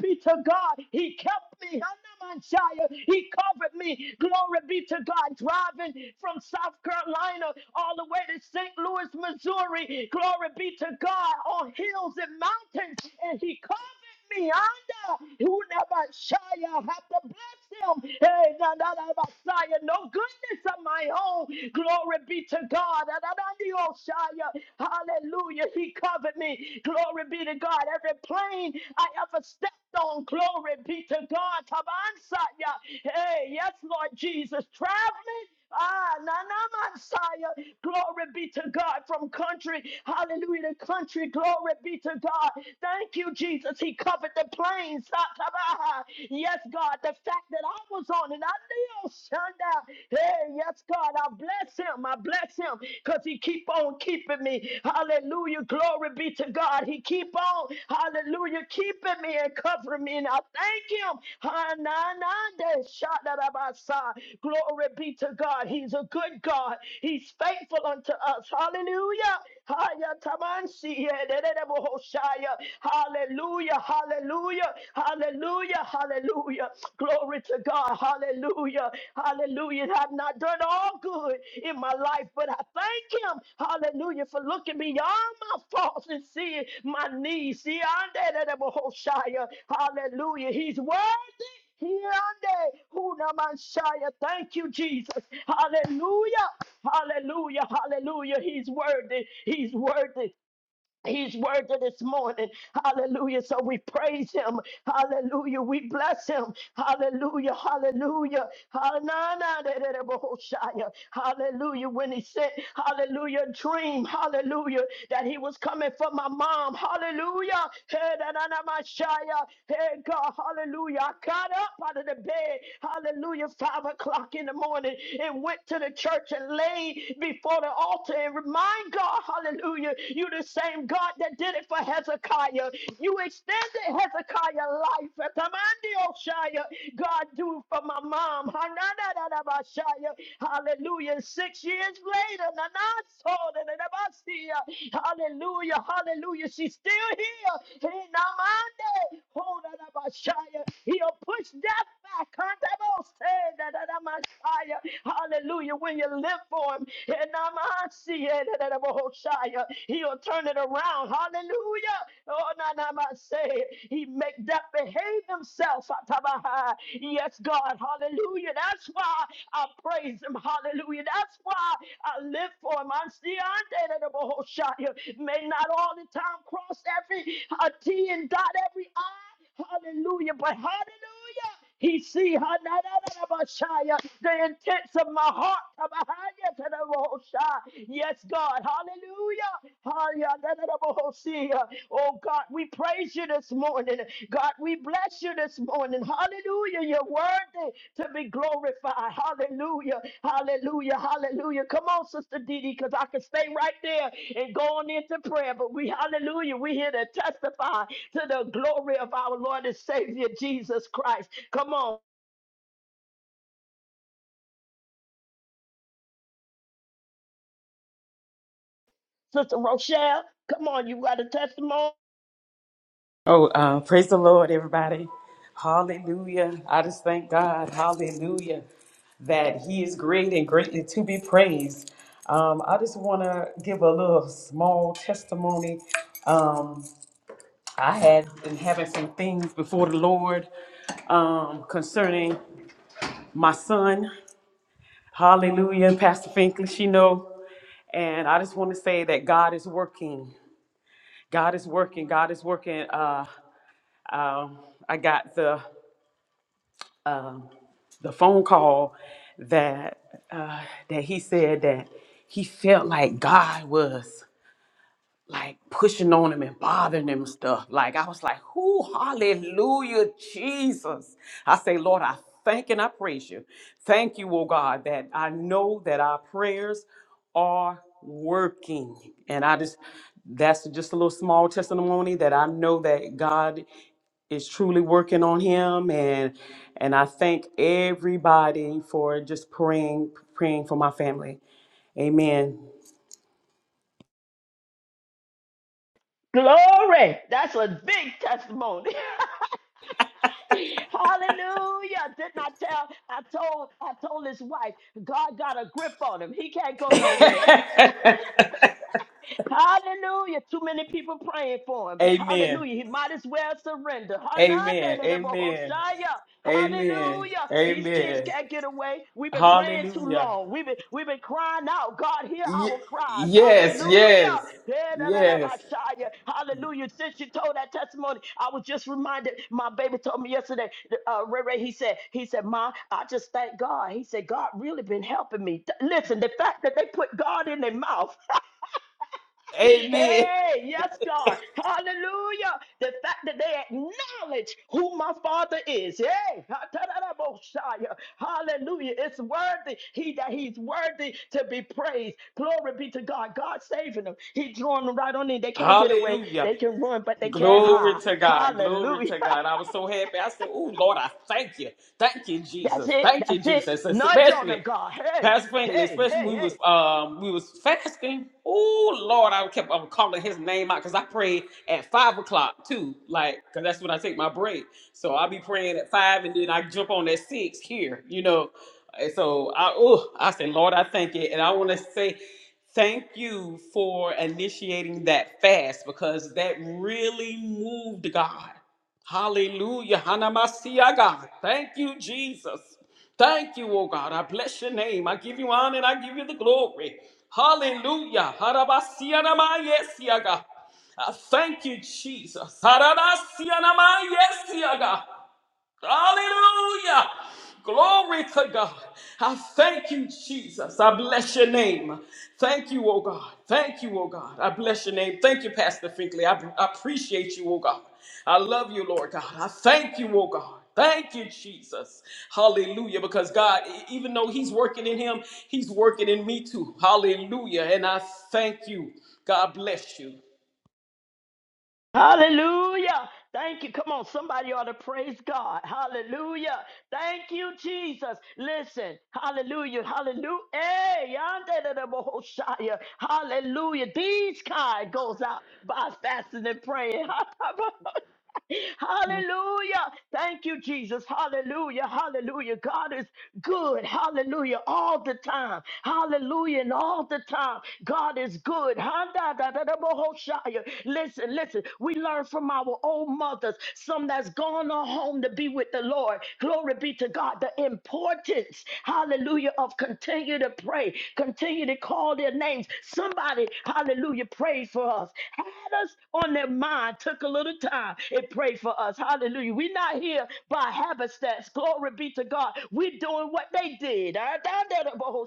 [SPEAKER 2] be to God. He kept me. Hanamansaya. He covered me. Glory be to God. Driving from South Carolina all the way to St. Louis, Missouri. Glory be to God on hills and mountains. And he covered me under. Who never shall you have to bless him. Hey, na- na- na- Messiah, no goodness of my own. Glory be to God. Na- na- na- the Oshaya. Hallelujah. He covered me. Glory be to God. Every plane I ever stepped on, glory be to God. Tabansaya. Hey, yes, Lord Jesus. Traveling. Ah, na na Messiah. Glory be to God from country, hallelujah, to country. Glory be to God. Thank you, Jesus. He covered the plains. Yes, God, the fact that I was on it, I knew. Shanda. Hey, yes, God, I bless him. I bless him because he keep on keeping me. Hallelujah. Glory be to God. He keep on, hallelujah, keeping me and covering me. And I thank him. Hananande. Shadarabasa. Glory be to God. He's a good God. He He's faithful unto us. Hallelujah. Haya tamansi ye Hallelujah. Hallelujah. Hallelujah. Hallelujah. Glory to God. Hallelujah. Hallelujah. I've not done all good in my life, but I thank him. Hallelujah. For looking beyond my faults and seeing my needs. See, I de Hallelujah. He's worthy. Hyande, una Manshaya. Thank you, Jesus. Hallelujah. Hallelujah, hallelujah. He's worthy, he's worthy. He's worthy this morning. Hallelujah. So we praise him. Hallelujah. We bless him. Hallelujah. Hallelujah. Hallelujah! Hallelujah. When he said, Hallelujah, dream. Hallelujah. That he was coming for my mom. Hallelujah. Hey, dadadamashaya. Hey, God. Hallelujah. I got up out of the bed. Hallelujah. Five o'clock in the morning and went to the church and laid before the altar and reminded God, hallelujah. You're the same God that did it for Hezekiah. You extended Hezekiah life. Atamandi Oshaya. God, do it for my mom. Hananadadabashaya. Hallelujah. Six years later, Nanasodadadabasiya. hallelujah, hallelujah. She's still here. Hinamande. Hodadabashaya. He'll push death back. Handabose. Dadadamashaya. Hallelujah. When you live for him, Enamasi, enenebohoshaya. He'll turn it around. Hallelujah. Oh, na na ma say he make that behave himself. Atabaha. Yes, God. Hallelujah. That's why I praise him. Hallelujah. That's why I live for him. I'm still under the Bohoshaya. May not all the time cross every uh, T and dot every I. Hallelujah. But hallelujah. He see ha- na- na- na- na- Messiah, the intents of my heart. Kabahaya to the Most High. Yes, God. Hallelujah. Oh God, we praise you this morning. God, we bless you this morning. Hallelujah. You're worthy to be glorified. Hallelujah. Hallelujah. Hallelujah. Come on, Sister Didi, because I can stay right there and go on into prayer. But we, hallelujah, we here to testify to the glory of our Lord and Savior Jesus Christ. Come on, Sister Rochelle. Come on, you got a testimony.
[SPEAKER 6] Oh, uh, praise the Lord, everybody. Hallelujah. I just thank God. Hallelujah. That He is great and greatly to be praised. Um, I just want to give a little small testimony. Um, I had been having some things before the Lord um, concerning my son. Hallelujah. Pastor Finkley, she know. And I just want to say that God is working. God is working. God is working. Uh, um, I got the um the phone call that uh, that he said that he felt like God was like pushing on him and bothering him and stuff. Like I was like, "Who? Hallelujah, Jesus!" I say, Lord, I thank and I praise you. Thank you, oh God, that I know that our prayers are working, and I just that's just a little small testimony that I know that God is truly working on him and and I thank everybody for just praying praying for my family. Amen.
[SPEAKER 2] Glory. That's a big testimony. Hallelujah. Didn't I tell? I told I told his wife, God got a grip on him. He can't go nowhere.
[SPEAKER 6] Amen.
[SPEAKER 2] Hallelujah. Too many people praying for him. Hallelujah. He might as well surrender.
[SPEAKER 6] Amen. Amen.
[SPEAKER 2] Hanadadadabahoshaya.
[SPEAKER 6] Amen.
[SPEAKER 2] Hallelujah. These kids
[SPEAKER 6] Amen.
[SPEAKER 2] can't get away. We've been praying too
[SPEAKER 6] Hallelujah.
[SPEAKER 2] long. We've been, we've been crying out. God, hear
[SPEAKER 6] Ye-
[SPEAKER 2] our cries.
[SPEAKER 6] yes, yes.
[SPEAKER 2] Hallelujah.
[SPEAKER 6] Yes.
[SPEAKER 2] Dedadadabashaya. Hallelujah. Since you told that testimony, I was just reminded. My baby told me yesterday, uh, Ray Ray, he said, he said, Ma, I just thank God. He said, God really been helping me. Th- Listen, the fact that they put God in their mouth
[SPEAKER 6] Amen.
[SPEAKER 2] Hey, yes, God. Hallelujah. The fact that they acknowledge who my father is. Hey, ha-ta-da-da-bo-shia. hallelujah. It's worthy. He that he's worthy to be praised. Glory be to God. God saving them. He drawing them right on in. They can't get away.
[SPEAKER 6] Hallelujah.
[SPEAKER 2] They can run, but they can't
[SPEAKER 6] Glory
[SPEAKER 2] hide.
[SPEAKER 6] to God. Glory
[SPEAKER 2] Hallelujah.
[SPEAKER 6] to God. I was so happy. I said, Oh, Lord, I thank you. Thank you,
[SPEAKER 2] That's
[SPEAKER 6] Jesus.
[SPEAKER 2] it.
[SPEAKER 6] Thank you,
[SPEAKER 2] That's it.
[SPEAKER 6] Jesus.
[SPEAKER 2] Nudge on
[SPEAKER 6] Especially
[SPEAKER 2] them, God. Hey,
[SPEAKER 6] Pastor Franklin,
[SPEAKER 2] hey,
[SPEAKER 6] especially we
[SPEAKER 2] hey,
[SPEAKER 6] was
[SPEAKER 2] hey.
[SPEAKER 6] um we was fasting. Oh Lord, I kept on calling his name out because I prayed at five o'clock too, like because that's when I take my break. So I'll be praying at five, and then I jump on at six here, you know. And so I oh I said, Lord, I thank you, and I want to say thank you for initiating that fast because that really moved God. Hallelujah. Hanamasia, God. Thank you, Jesus. Thank you, oh God. I bless your name. I give you honor and I give you the glory. Hallelujah. Harabasia namayesia, God. I thank you, Jesus. Hararasia namayesia, God. Hallelujah. Glory to God. I thank you, Jesus. I bless your name. Thank you, oh God. Thank you, oh God. I bless your name. Thank you, Pastor Finkley. I, I appreciate you, oh God. I love you, Lord God. I thank you, oh God. Thank you, Jesus. Hallelujah. Because God, e- even though He's working in Him, He's working in me too. Hallelujah. And I thank you. God bless you.
[SPEAKER 2] Hallelujah. Thank you. Come on, somebody ought to praise God. Hallelujah. Thank you, Jesus. Listen. Hallelujah. Hallelujah. Hey, yonder to the Bohoshaya. Hallelujah. These kind goes out by fasting and praying.
[SPEAKER 5] Amen.
[SPEAKER 2] Hallelujah. Thank you, Jesus. Hallelujah. Hallelujah. God is good. Hallelujah. All the time. Hallelujah. And all the time. God is good. Ha-da-da-da-da-bo-ho-shia. Listen, listen. We learn from our old mothers, some that's gone on home to be with the Lord. Glory be to God. The importance, hallelujah, of continue to pray, continue to call their names. Somebody, hallelujah, prayed for us, had us on their mind, took a little time. If pray for us. Hallelujah. We're not here by happenstance. Glory be to God. We're doing what they did. Ah, da, da, da, bo,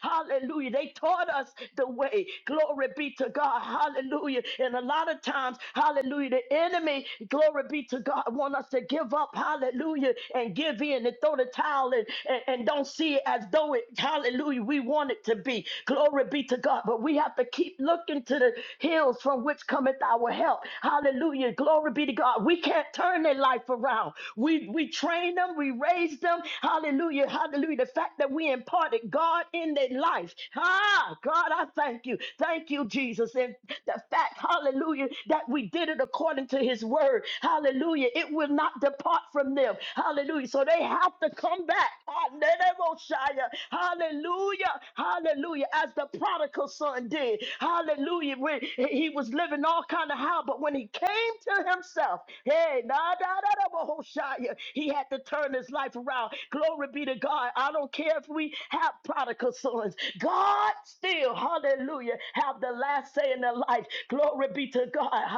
[SPEAKER 2] Hallelujah. They taught us the way. Glory be to God. Hallelujah. And a lot of times, hallelujah, the enemy, glory be to God, want us to give up. Hallelujah. And give in and throw the towel in and, and don't see it as though it, hallelujah, we want it to be. Glory be to God. But we have to keep looking to the hills from which cometh our help. Hallelujah. Glory be to God. God. We can't turn their life around. We we train them, we raise them. Hallelujah, hallelujah. The fact that we imparted God in their life. Ah, God, I thank you. Thank you, Jesus. And the fact, hallelujah, that we did it according to his word. Hallelujah. It will not depart from them. Hallelujah. So they have to come back. Ah, Nenemoshaya. Hallelujah. Hallelujah. As the prodigal son did. Hallelujah. When he was living all kind of how, but when he came to himself, Hey, nah, nah, nah, nah, Mahoshaya. He had to turn his life around. Glory be to God. I don't care if we have prodigal sons. God still, hallelujah, have the last say in their life. Glory be to God.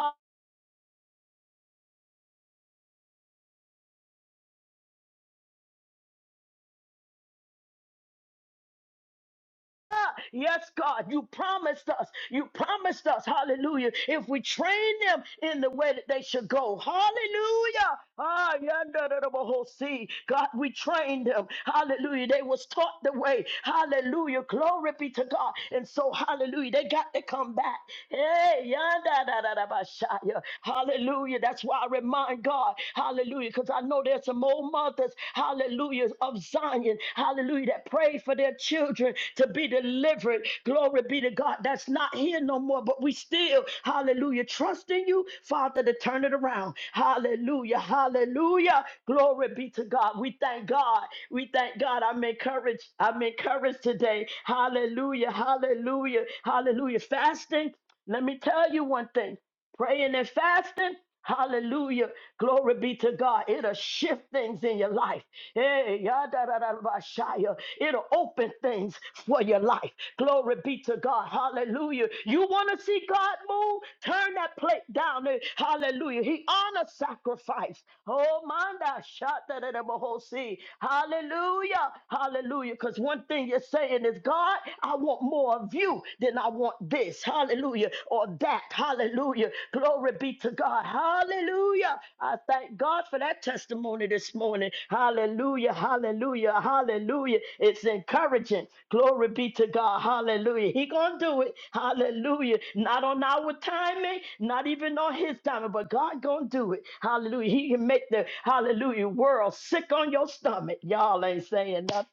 [SPEAKER 2] Yes, God, you promised us. You promised us, hallelujah, if we train them in the way that they should go. Hallelujah. Ah, yonder the whole sea. God, we trained them. Hallelujah. They was taught the way. Hallelujah. Glory be to God. And so, hallelujah, they got to come back. Hey, yanda da da da ba shaya. Hallelujah. That's why I remind God. Hallelujah. Because I know there's some old mothers, hallelujah, of Zion. Hallelujah. That pray for their children to be delivered. Glory be to God. That's not here no more. But we still, hallelujah, trust in you, Father, to turn it around. Hallelujah. Hallelujah. Glory be to God. We thank God. We thank God. I'm encouraged. I'm encouraged today. Hallelujah. Hallelujah. Hallelujah. Fasting. Let me tell you one thing praying and fasting. Hallelujah. Glory be to God. It'll shift things in your life. Hey, yadadadabashaya. It'll open things for your life. Glory be to God. Hallelujah. You want to see God move? Turn that plate down. there. Hallelujah. He honors sacrifice. Oh, manda shatadadabahosi. Hallelujah. Hallelujah. Because one thing you're saying is, God, I want more of you you, then I want this. Hallelujah. Or that. Hallelujah. Glory be to God. Hallelujah. I thank God for that testimony this morning. Hallelujah. Hallelujah. Hallelujah. It's encouraging. Glory be to God. Hallelujah. He gonna do it. Hallelujah. Not on our timing, not even on his timing, but God gonna do it. Hallelujah. He can make the hallelujah world sick on your stomach. Y'all ain't saying nothing.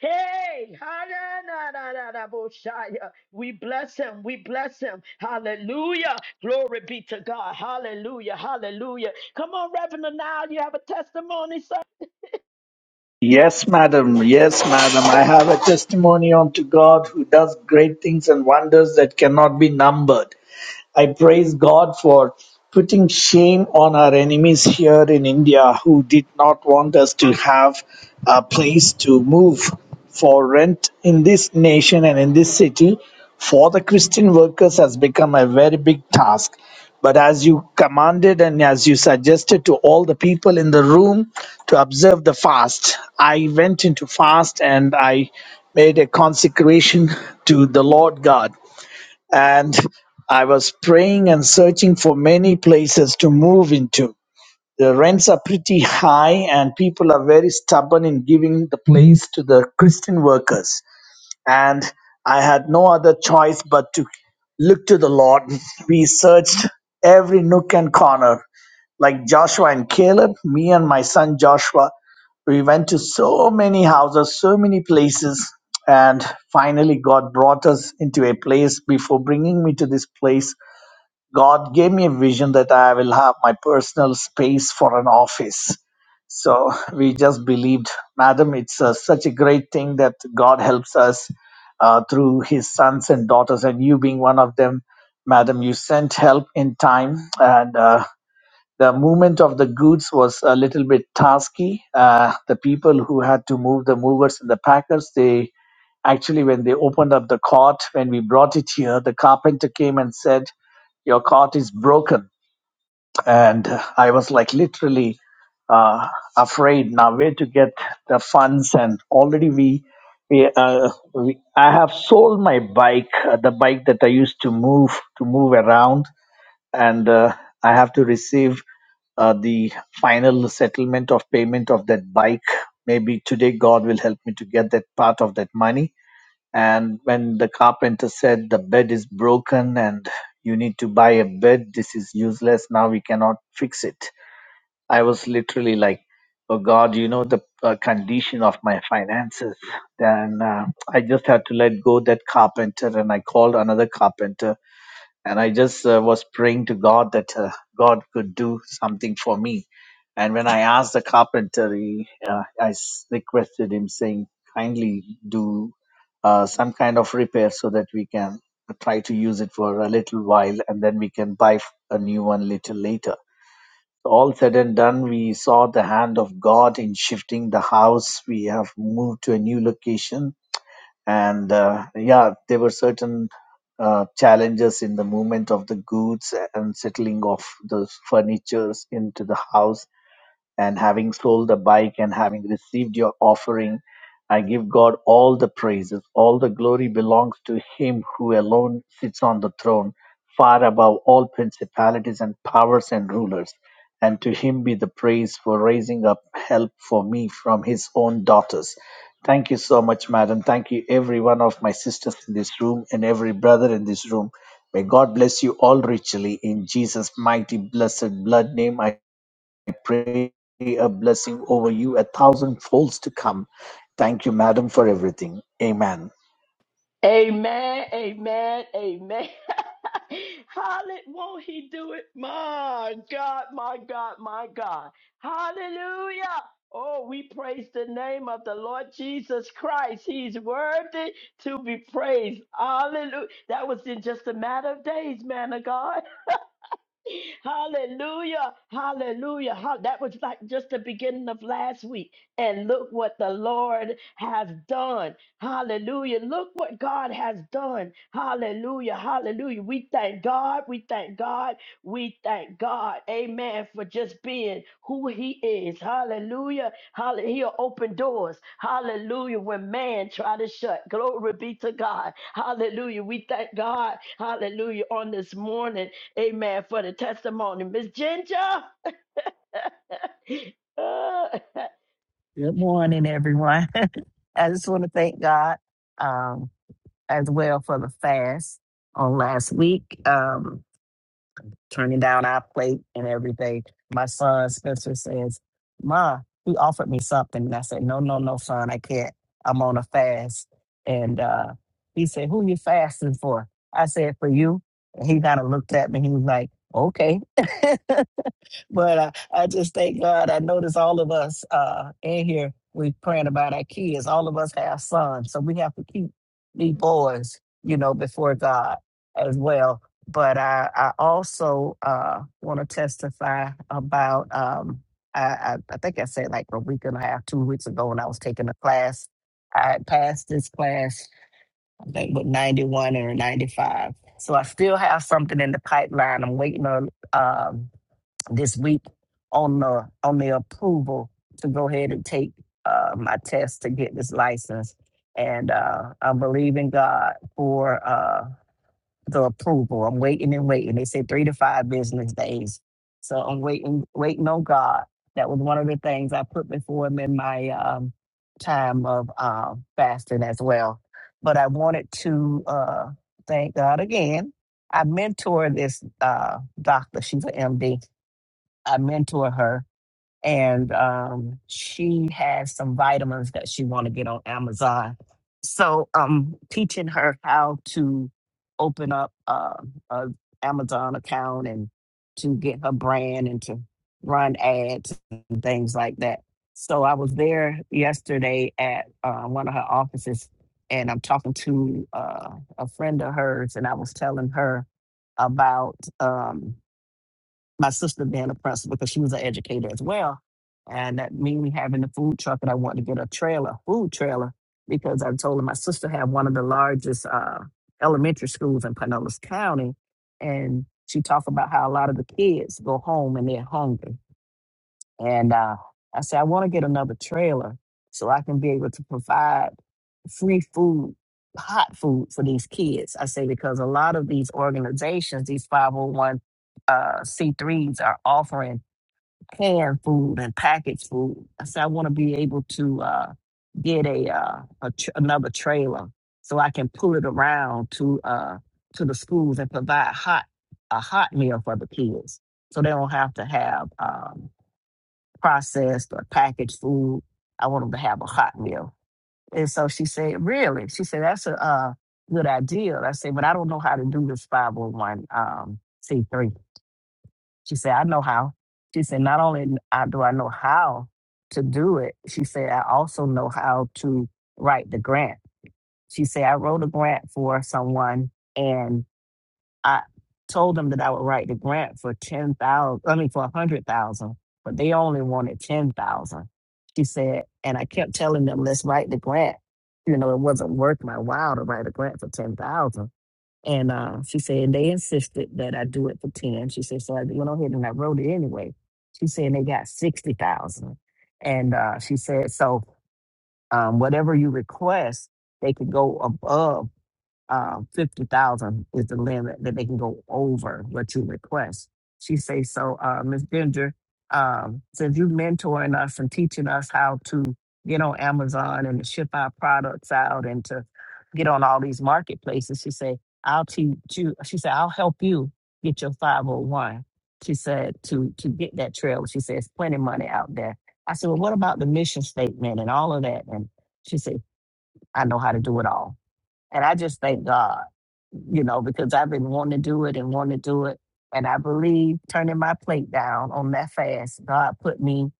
[SPEAKER 2] Hey, ha-na-na-na-na-na-bo-shaya. we bless him. We bless him. Hallelujah. Glory be to God. Hallelujah. Hallelujah. Come on, Reverend. Now you have a testimony, sir.
[SPEAKER 7] Yes, madam. Yes, madam. I have a testimony unto God who does great things and wonders that cannot be numbered. I praise God for putting shame on our enemies here in India who did not want us to have a place to move for rent in this nation and in this city for the Christian workers has become a very big task. But as you commanded and as you suggested to all the people in the room to observe the fast, I went into fast and I made a consecration to the Lord God and I was praying and searching for many places to move into. The rents are pretty high, and people are very stubborn in giving the place to the Christian workers and I had no other choice but to look to the Lord. We searched every nook and corner. Like Joshua and Caleb, me and my son Joshua, we went to so many houses, so many places, and finally God brought us into a place before bringing me to this place God gave me a vision that I will have my personal space for an office. So we just believed, Madam, it's uh, such a great thing that God helps us uh, through His sons and daughters, and you being one of them, Madam, you sent help in time, and uh, the movement of the goods was a little bit tasky. Uh, the people who had to move the movers and the packers, they actually, when they opened up the cart, when we brought it here, the carpenter came and said, Your cart is broken. And I was like literally uh, afraid now where to get the funds. And already we, we, uh, we, I have sold my bike, uh, the bike that I used to move to move around and uh, I have to receive uh, the final settlement of payment of that bike. Maybe today God will help me to get that part of that money. And when the carpenter said the bed is broken and you need to buy a bed, this is useless. Now we cannot fix it. I was literally like, oh God, you know the uh, condition of my finances. Then uh, I just had to let go that carpenter and I called another carpenter and I just uh, was praying to God that uh, God could do something for me. And when I asked the carpenter, he, uh, I s- requested him, saying, "Kindly do uh, some kind of repair so that we can try to use it for a little while, and then we can buy f- a new one little later." All said and done, we saw the hand of God in shifting the house. We have moved to a new location and uh, yeah there were certain uh, challenges in the movement of the goods and settling of the furnitures into the house and having sold the bike and having received your offering, I give God all the praises. All the glory belongs to Him who alone sits on the throne, far above all principalities and powers and rulers. And to Him be the praise for raising up help for me from His own daughters. Thank you so much, madam. Thank you, every one of my sisters in this room and every brother in this room. May God bless you all richly in Jesus' mighty, blessed blood name. I pray a blessing over you a thousand folds to come. Thank you, madam, for everything. Amen.
[SPEAKER 2] Amen, amen, amen. Hallelujah. Won't he do it? My God, my God, my God. Hallelujah. Oh, we praise the name of the Lord Jesus Christ. He's worthy to be praised. Hallelujah. That was in just a matter of days, man of God. Hallelujah. Hallelujah. Ha- That was like just the beginning of last week. And look what the Lord has done. Hallelujah. Look what God has done. Hallelujah. Hallelujah. We thank God. We thank God. We thank God. Amen. For just being who He is. Hallelujah. Hallelujah. He'll open doors. Hallelujah. When man try to shut. Glory be to God. Hallelujah. We thank God. Hallelujah. On this morning. Amen for the testimony. Miss Ginger. Uh,
[SPEAKER 8] Good morning, everyone. I just want to thank God um, as well for the fast on last week, um, turning down our plate and everything. My son Spencer says, Ma, he offered me something. And I said, No, no, no, son, I can't. I'm on a fast. And uh, he said, Who you fasting for? I said, For you. And he kind of looked at me. He was like, Okay. But I, I just thank God. I notice all of us uh, in here, we praying about our kids. All of us have sons, so we have to keep these boys, you know, before God as well. But I, I also uh, want to testify about. Um, I, I, I think I said like a week and a half, two weeks ago, when I was taking a class. I had passed this class, I think, with 91 or 95. So I still have something in the pipeline. I'm waiting on. Um, this week on the on the approval to go ahead and take uh, my test to get this license. And uh, I believe in God for uh, the approval. I'm waiting and waiting. They said three to five business days, so I'm waiting, waiting on God. That was one of the things I put before Him in my um, time of um, fasting as well. But I wanted to uh, thank God again. I mentor this uh, doctor. She's an MD I mentor her, and um, she has some vitamins that she want to get on Amazon. So I'm teaching her how to open up uh, a Amazon account and to get her brand and to run ads and things like that. So I was there yesterday at uh, one of her offices, and I'm talking to uh, a friend of hers, and I was telling her about. um my sister being oppressed because she was an educator as well. And that mean me having the food truck and I wanted to get a trailer, food trailer, because I told her my sister had one of the largest uh, elementary schools in Pinellas County. And she talked about how a lot of the kids go home and they're hungry. And uh, I said, I want to get another trailer so I can be able to provide free food, hot food for these kids. I say because a lot of these organizations, these 501 uh, C3s, are offering canned food and packaged food. I said I want to be able to uh, get a, uh, a tr- another trailer so I can pull it around to uh, to the schools and provide hot a hot meal for the kids, so they don't have to have um, processed or packaged food. I want them to have a hot meal and so she said, really? She said, that's a uh, good idea. And I said, but I don't know how to do this 501 um, C3. She said, I know how. She said, not only n- I- do I know how to do it, she said, I also know how to write the grant. She said, I wrote a grant for someone I told them that I would write the grant for ten thousand. I mean, for a hundred thousand, but they only wanted ten thousand. She said, and I kept telling them, let's write the grant. You know, it wasn't worth my while to write a grant for ten thousand. And uh, she said they insisted that I do it for ten. She said, so I went on ahead and I wrote it anyway. She said they got sixty thousand, and uh, she said, so um, whatever you request, they could go above um, fifty thousand is the limit that they can go over what you request. She says so, uh, Miss Ginger, um, since you mentoring us and teaching us how to get on Amazon and to ship our products out and to get on all these marketplaces, she said, I'll teach you. She said I'll help you get your five hundred one. She said to to get that trail. She says plenty of money out there. I said, well, what about the mission statement and all of that? And she said, I know how to do it all. And I just thank God, you know, because I've been wanting to do it and wanting to do it. And I believe turning my plate down on that fast, God put me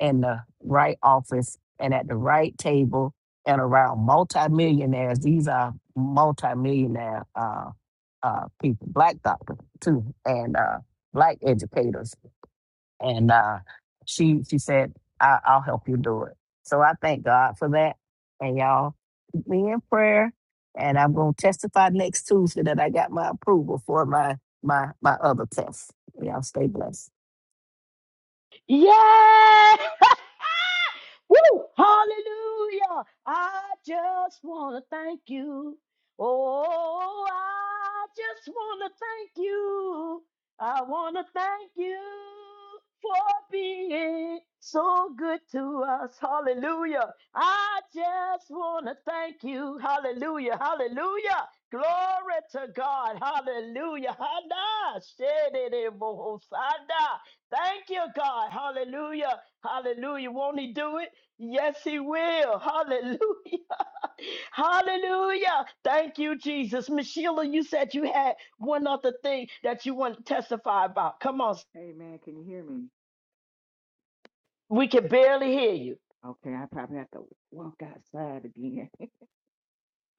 [SPEAKER 8] in the right office and at the right table and around multimillionaires. These are multimillionaire uh, uh, people, black doctors too, and uh, black educators and uh, she she said, I, "I'll help you do it." So I thank God for that, and y'all keep me in prayer. And I'm gonna testify next Tuesday that I got my approval for my my my other test. Y'all stay blessed.
[SPEAKER 2] yeah. Woo! Hallelujah! I just want to thank you. Oh, I just want to thank you. I want to thank you for being so good to us. Hallelujah. I just want to thank you. Hallelujah. Hallelujah. Glory to God. Hallelujah. Hada, shedede, bohosada. Thank you, God. Hallelujah. Hallelujah. Won't he do it? Yes, he will. Hallelujah. Hallelujah. Thank you, Jesus. Miss Sheila, you said you had one other thing that you want to testify about. Come on.
[SPEAKER 5] Amen. Can you hear me?
[SPEAKER 2] We can barely hear you.
[SPEAKER 5] Okay, I probably have to walk outside again.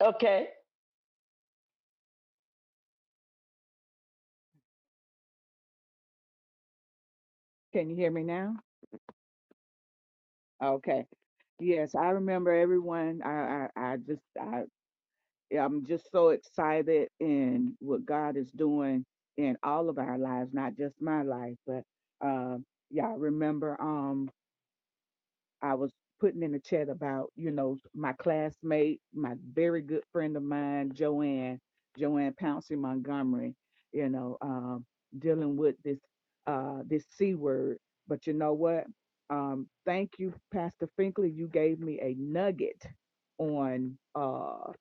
[SPEAKER 2] Okay.
[SPEAKER 5] Can you hear me now? Okay. Yes, I remember everyone. I, I, I just, I, yeah, I'm just so excited in what God is doing in all of our lives, not just my life, but, um, yeah, I remember. Um, I was putting in the chat about, you know, my classmate, my very good friend of mine, Joanne, Joanne Pouncey Montgomery, you know, um, dealing with this uh this C word. But you know what? Um, thank you, Pastor Finkley. You gave me a nugget on uh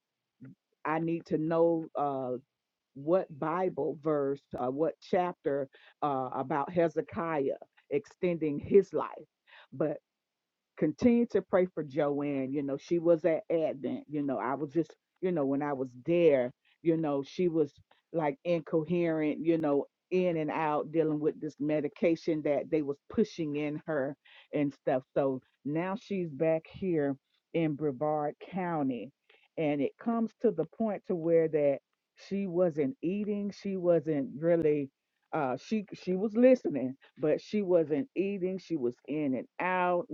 [SPEAKER 5] I need to know uh what Bible verse, uh, what chapter uh about Hezekiah extending his life. But continue to pray for Joanne. You know, she was at Advent. You know, I was just, you know, when I was there, you know, she was like incoherent, you know, in and out dealing with this medication that they was pushing in her and stuff. So now she's back here in Brevard County. And it comes to the point to where that she wasn't eating, she wasn't really uh she she was listening, but she wasn't eating, she was in and out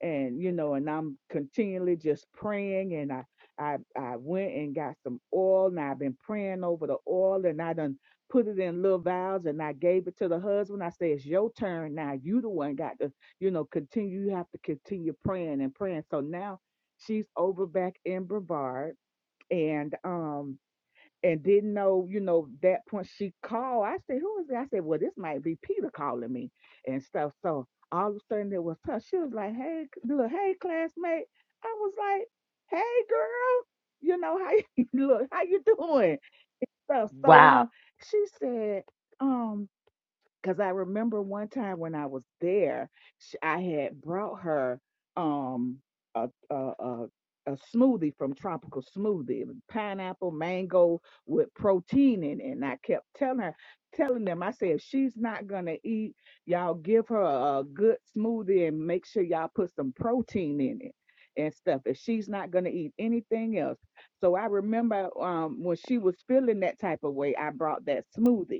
[SPEAKER 5] and you know and i'm continually just praying and i i i went and got some oil and i've been praying over the oil and i done put it in little vials and i gave it to the husband i say it's your turn now you the one got to you know continue you have to continue praying and praying so now she's over back in brevard and um and didn't know, you know, that point she called. I said, Who is it? I said, Well, this might be Peter calling me and stuff. So all of a sudden it was her. She was like, Hey, look, hey, classmate. I was like, Hey, girl, you know, how you look, how you doing? So, so
[SPEAKER 2] Wow.
[SPEAKER 5] um, she said, um, because I remember one time when I was there, sh- I had brought her um a a, a a smoothie from Tropical Smoothie, it was pineapple, mango with protein in it. And I kept telling her, telling them, I said, if she's not gonna eat, y'all give her a good smoothie and make sure y'all put some protein in it and stuff. If she's not gonna eat anything else. So I remember um when she was feeling that type of way, I brought that smoothie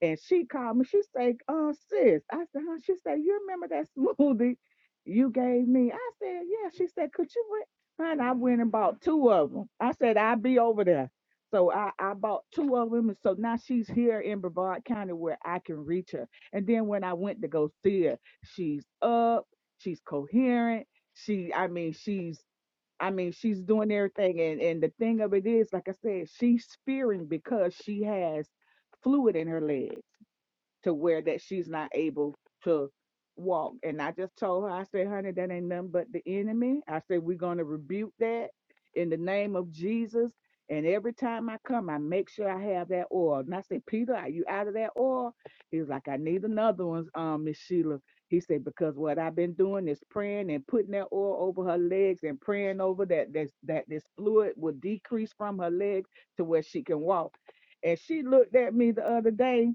[SPEAKER 5] and she called me. She said, uh, sis. I said, huh? She said, you remember that smoothie you gave me? I said, yeah. She said, could you wait? And I went and bought two of them. I said, I'll be over there. So I, I bought two of them. And so now she's here in Brevard County where I can reach her. And then when I went to go see her, she's up, she's coherent. She, I mean, she's, I mean, she's doing everything. And, and the thing of it is, like I said, she's spearing because she has fluid in her leg to where that she's not able to walk. And I just told her, I said, honey, that ain't nothing but the enemy. I said, we're going to rebuke that in the name of Jesus. And every time I come, I make sure I have that oil. And I said, Peter, are you out of that oil? He was like, I need another one, um, Miss Sheila. He said, because what I've been doing is praying and putting that oil over her legs and praying over that that, that this fluid will decrease from her legs to where she can walk. And she looked at me the other day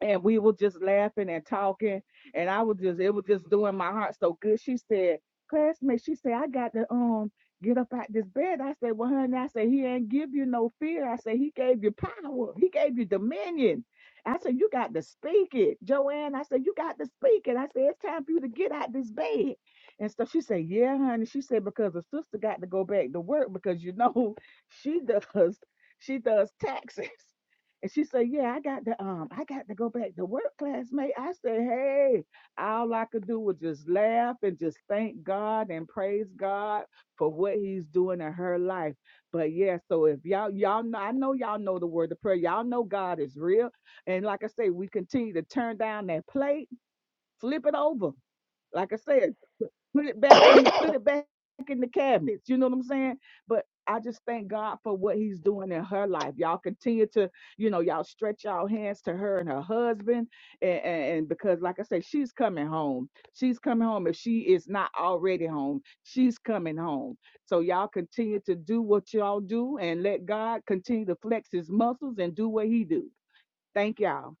[SPEAKER 5] and we were just laughing and talking and I was just it was just doing my heart so good. She said, classmate, she said, I got to um get up out this bed. I said, Well honey, I said, he ain't give you no fear. I said, he gave you power. He gave you dominion. I said, you got to speak it. Joanne, I said, you got to speak it. I said, it's time for you to get out this bed. And so she said, yeah, honey. She said, because the sister got to go back to work because you know she does she does taxes. And she said, Yeah, I got to um, I got to go back to work, classmate. I said, Hey, all I could do was just laugh and just thank God and praise God for what He's doing in her life. But yeah, so if y'all y'all know I know y'all know the word of prayer. Y'all know God is real. And like I say, we continue to turn down that plate, flip it over. Like I said, put put it back in the put it back in the cabinets. You know what I'm saying? But I just thank God for what He's doing in her life. Y'all continue to, you know, y'all stretch y'all hands to her and her husband, and, and, and because, like I said, she's coming home. She's coming home. If she is not already home, she's coming home. So y'all continue to do what y'all do, and let God continue to flex His muscles and do what He do. Thank y'all.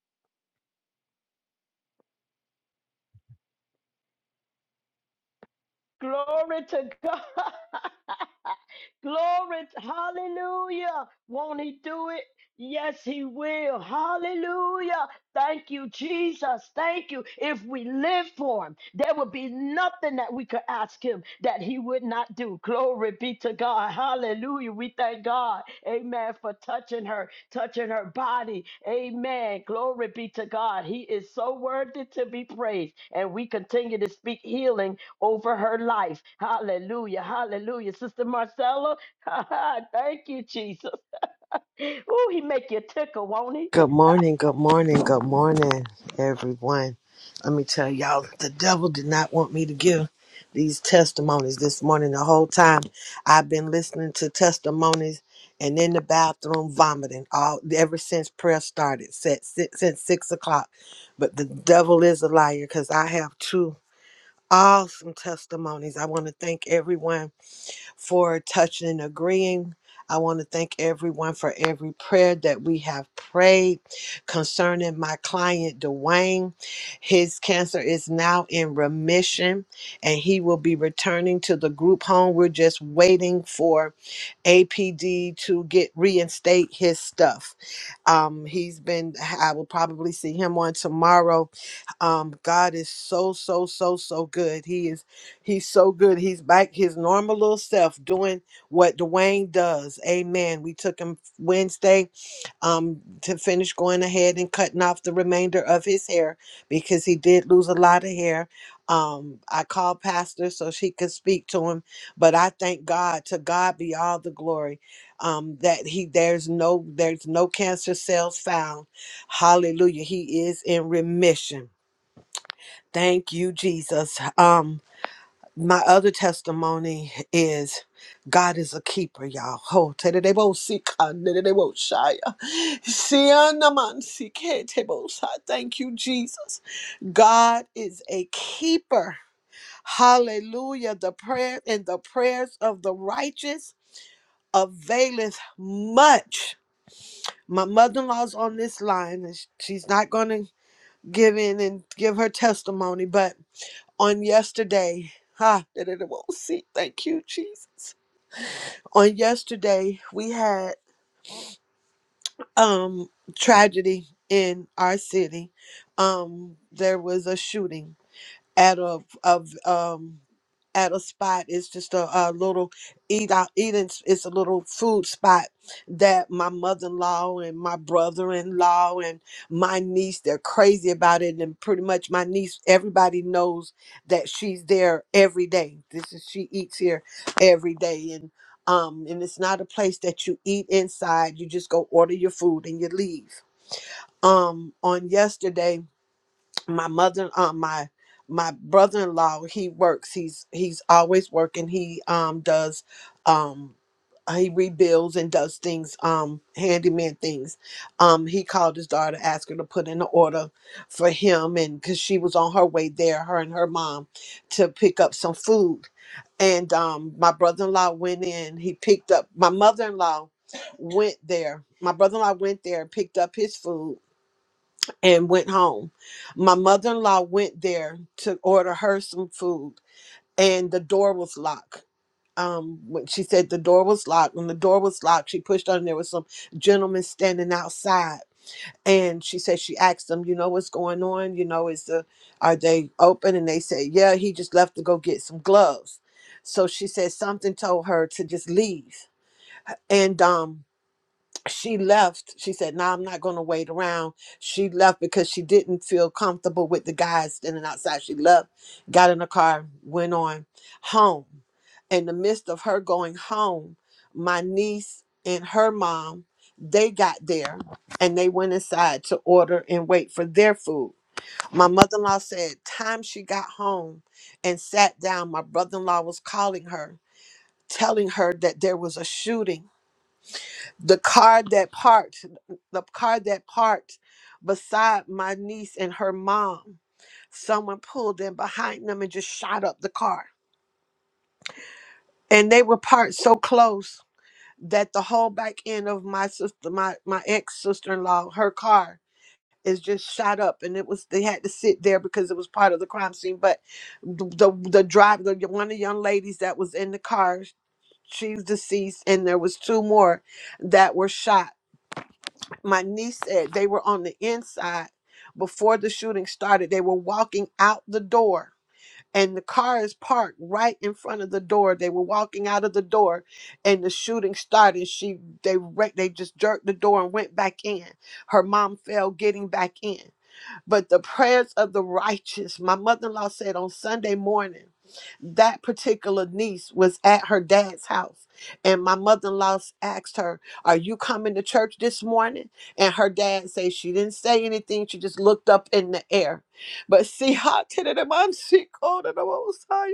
[SPEAKER 2] Glory to God. Glory to hallelujah. Won't he do it? Yes, he will. Hallelujah. Thank you, Jesus. Thank you. If we live for him, there would be nothing that we could ask him that he would not do. Glory be to God. Hallelujah. We thank God. Amen. For touching her, touching her body. Amen. Glory be to God. He is so worthy to be praised. And we continue to speak healing over her life. Hallelujah. Hallelujah. Sister Marcella, thank you, Jesus. Oh, he make you tickle, won't he?
[SPEAKER 9] Good morning, good morning, good morning, everyone. Let me tell y'all, the devil did not want me to give these testimonies this morning. The whole time I've been listening to testimonies and in the bathroom vomiting all ever since prayer started, set, since, since six o'clock. But the devil is a liar because I have two awesome testimonies. I want to thank everyone for touching and agreeing. I want to thank everyone for every prayer that we have prayed concerning my client, Dwayne. His cancer is now in remission and he will be returning to the group home. We're just waiting for APD to get reinstate his stuff. Um, he's been, I will probably see him on tomorrow um, God is so, so, so, so good. He is. He's so good. He's back his normal little self doing what Dwayne does. Amen. We took him Wednesday um, to finish going ahead and cutting off the remainder of his hair because he did lose a lot of hair. Um, I called Pastor so she could speak to him, but I thank God. To God be all the glory. Um, that he there's no there's no cancer cells found. Hallelujah. He is in remission. Thank you, Jesus. Um, my other testimony is God is a keeper, y'all. Oh, tedebo si kandedebo shaya. Sianaman si ketebo sa. Thank you, Jesus. God is a keeper. Hallelujah. The prayer and the prayers of the righteous availeth much. My mother-in-law's on this line, and she's not going to give in and give her testimony, but on yesterday. Ha, that it won't see. Thank you, Jesus. On yesterday, we had um tragedy in our city. Um, there was a shooting at a of um at a spot. It's just a, a little eat out eating. s- It's a little food spot that my mother in law and my brother in law and my niece they're crazy about it. And pretty much my niece, everybody knows that she's there every day. This is she eats here every day and. Um, and it's not a place that you eat inside. You just go order your food and you leave. Um, on yesterday, my mother um my my brother-in-law he works he's he's always working he um does um he rebuilds and does things um handyman things um he called his daughter asked her to put in an order for him and because she was on her way there her and her mom to pick up some food and um my brother-in-law went in he picked up my mother-in-law went there my brother-in-law went there and picked up his food and went home. My mother in law went there to order her some food, and the door was locked. Um, when she said the door was locked, when the door was locked, she pushed on. and There was some gentleman standing outside, and she said she asked them, "You know what's going on? You know, is the are they open?" And they said, "Yeah, he just left to go get some gloves." So she said something told her to just leave, and um, she left. She said, No, I'm not going to wait around. She left because she didn't feel comfortable with the guys standing outside. She left, got in the car, went on home. In the midst of her going home, my niece and her mom, they got there and they went inside to order and wait for their food. My mother in law said, Time she got home and sat down, my brother in law was calling her, telling her that there was a shooting the car that parked the car that parked beside my niece and her mom someone pulled in behind them and just shot up the car and they were parked so close that the whole back end of my sister my my ex sister-in-law her car is just shot up and it was they had to sit there because it was part of the crime scene but the the, the driver the, one of the young ladies that was in the car she's deceased and there was two more that were shot my niece said they were on the inside before the shooting started. They were walking out the door, and the car is parked right in front of the door. They were walking out of the door, and the shooting started. She they re- they just jerked the door and went back in. Her mom fell getting back in but the prayers of the righteous. My mother in law said on Sunday morning, that particular niece was at her dad's house. And my mother in law asked her, Are you coming to church this morning? And her dad said she didn't say anything. She just looked up in the air. But see, how did it amount to? God of the Most High.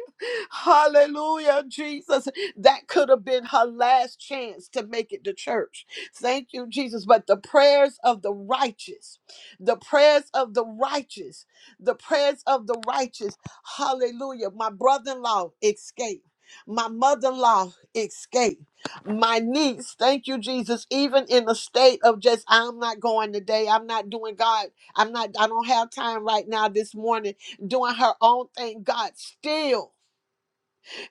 [SPEAKER 9] hallelujah, Jesus. That could have been her last chance to make it to church. Thank you, Jesus. But the prayers of the righteous. The prayers of the righteous, the prayers of the righteous. Hallelujah. My brother in law escaped. My mother in law escaped. My niece, thank you, Jesus, even in the state of just, I'm not going today. I'm not doing God. I'm not, I don't have time right now this morning doing her own thing. God still.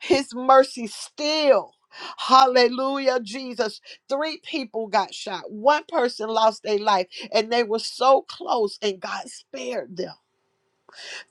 [SPEAKER 9] His mercy still. Hallelujah, Jesus. Three people got shot. One person lost their life, and they were so close, and God spared them.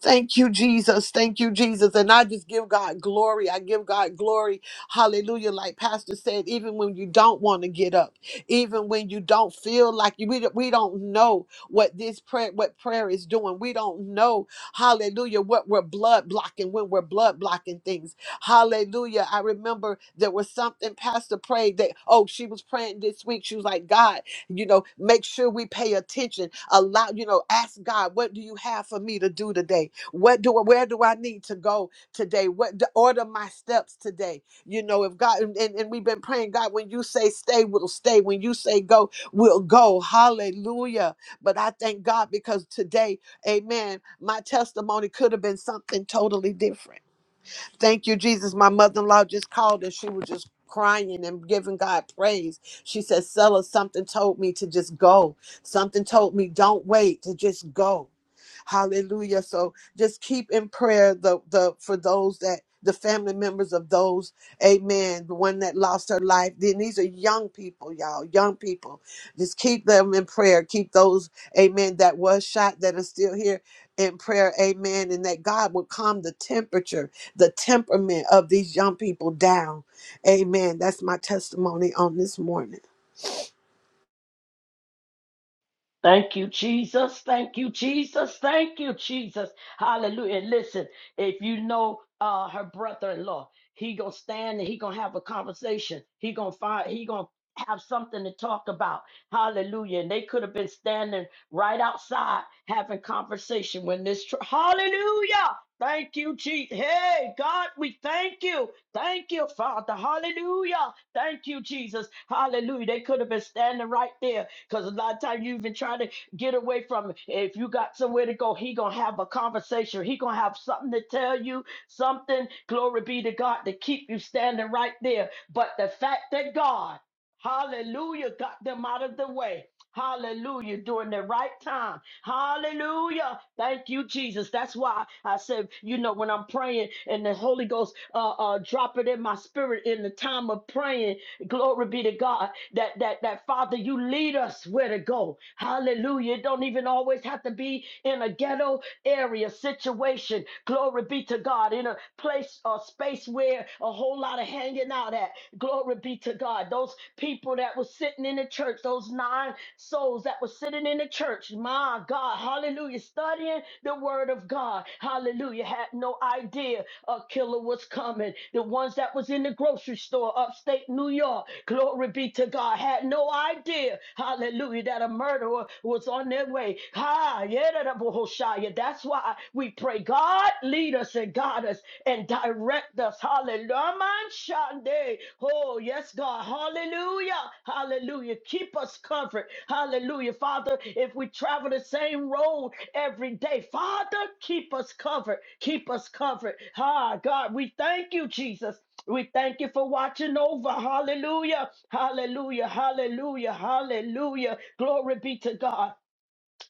[SPEAKER 9] Thank you, Jesus. Thank you, Jesus. And I just give God glory. I give God glory. Hallelujah. Like Pastor said, even when you don't want to get up, even when you don't feel like you, we, don't- we don't know what this prayer, what prayer is doing. We don't know, hallelujah, what we're blood blocking when we're blood blocking things. Hallelujah. I remember there was something Pastor prayed that, oh, she was praying this week. She was like, God, you know, make sure we pay attention. Allow, you know, ask God, what do you have for me to do today? What do where do I need to go today? What to order my steps today? You know, if God and, and and we've been praying, God, when you say stay, we'll stay. When you say go, we'll go. Hallelujah. But I thank God because today, amen, my testimony could have been something totally different. Thank you, Jesus. My mother-in-law just called and she was just crying and giving God praise. She said, Sella, something told me to just go. Something told me don't wait to just go Hallelujah. So just keep in prayer the the for those that the family members of those, amen, the one that lost her life. Then these are young people, y'all, young people. Just keep them in prayer. Keep those, amen, that was shot that are still here in prayer, amen, and that God will calm the temperature, the temperament of these young people down. Amen. That's my testimony on this morning.
[SPEAKER 2] Thank you, Jesus. Thank you, Jesus. Thank you, Jesus. Hallelujah. And listen, if you know uh her brother-in-law, he gonna stand and he gonna have a conversation. He gonna find he gonna have something to talk about. Hallelujah. And they could have been standing right outside having conversation when this tr- hallelujah. Thank you, Jesus. Hey, God, we thank you. Thank you, Father. Hallelujah. Thank you, Jesus. Hallelujah. They could have been standing right there because a lot of time you've been trying to get away from it. If you got somewhere to go, he gonna have a conversation. He gonna have something to tell you, something, glory be to God, to keep you standing right there. But the fact that God, hallelujah, got them out of the way. Hallelujah, during the right time. Hallelujah. Thank you, Jesus. That's why I said, you know, when I'm praying and the Holy Ghost uh, uh, drop it in my spirit in the time of praying, glory be to God that that that Father, you lead us where to go. Hallelujah. It don't even always have to be in a ghetto area situation. Glory be to God. In a place or space where a whole lot of hanging out at. Glory be to God. Those people that were sitting in the church, those nine souls that were sitting in the church. My God, hallelujah. Studying the word of God. Hallelujah. Had no idea a killer was coming. The ones that was in the grocery store upstate New York, glory be to God, had no idea, hallelujah, that a murderer was on their way. Ha, yeah, da, da, bo, ho, sha, yeah. that's why we pray, God, lead us and guide us and direct us. Hallelujah. Sunday. Oh, yes, God. Hallelujah. Hallelujah. Keep us covered. Hallelujah. Father, if we travel the same road every day, Father, keep us covered. Keep us covered. Ah, God, we thank you, Jesus. We thank you for watching over. Hallelujah. Hallelujah. Hallelujah. Hallelujah. Glory be to God.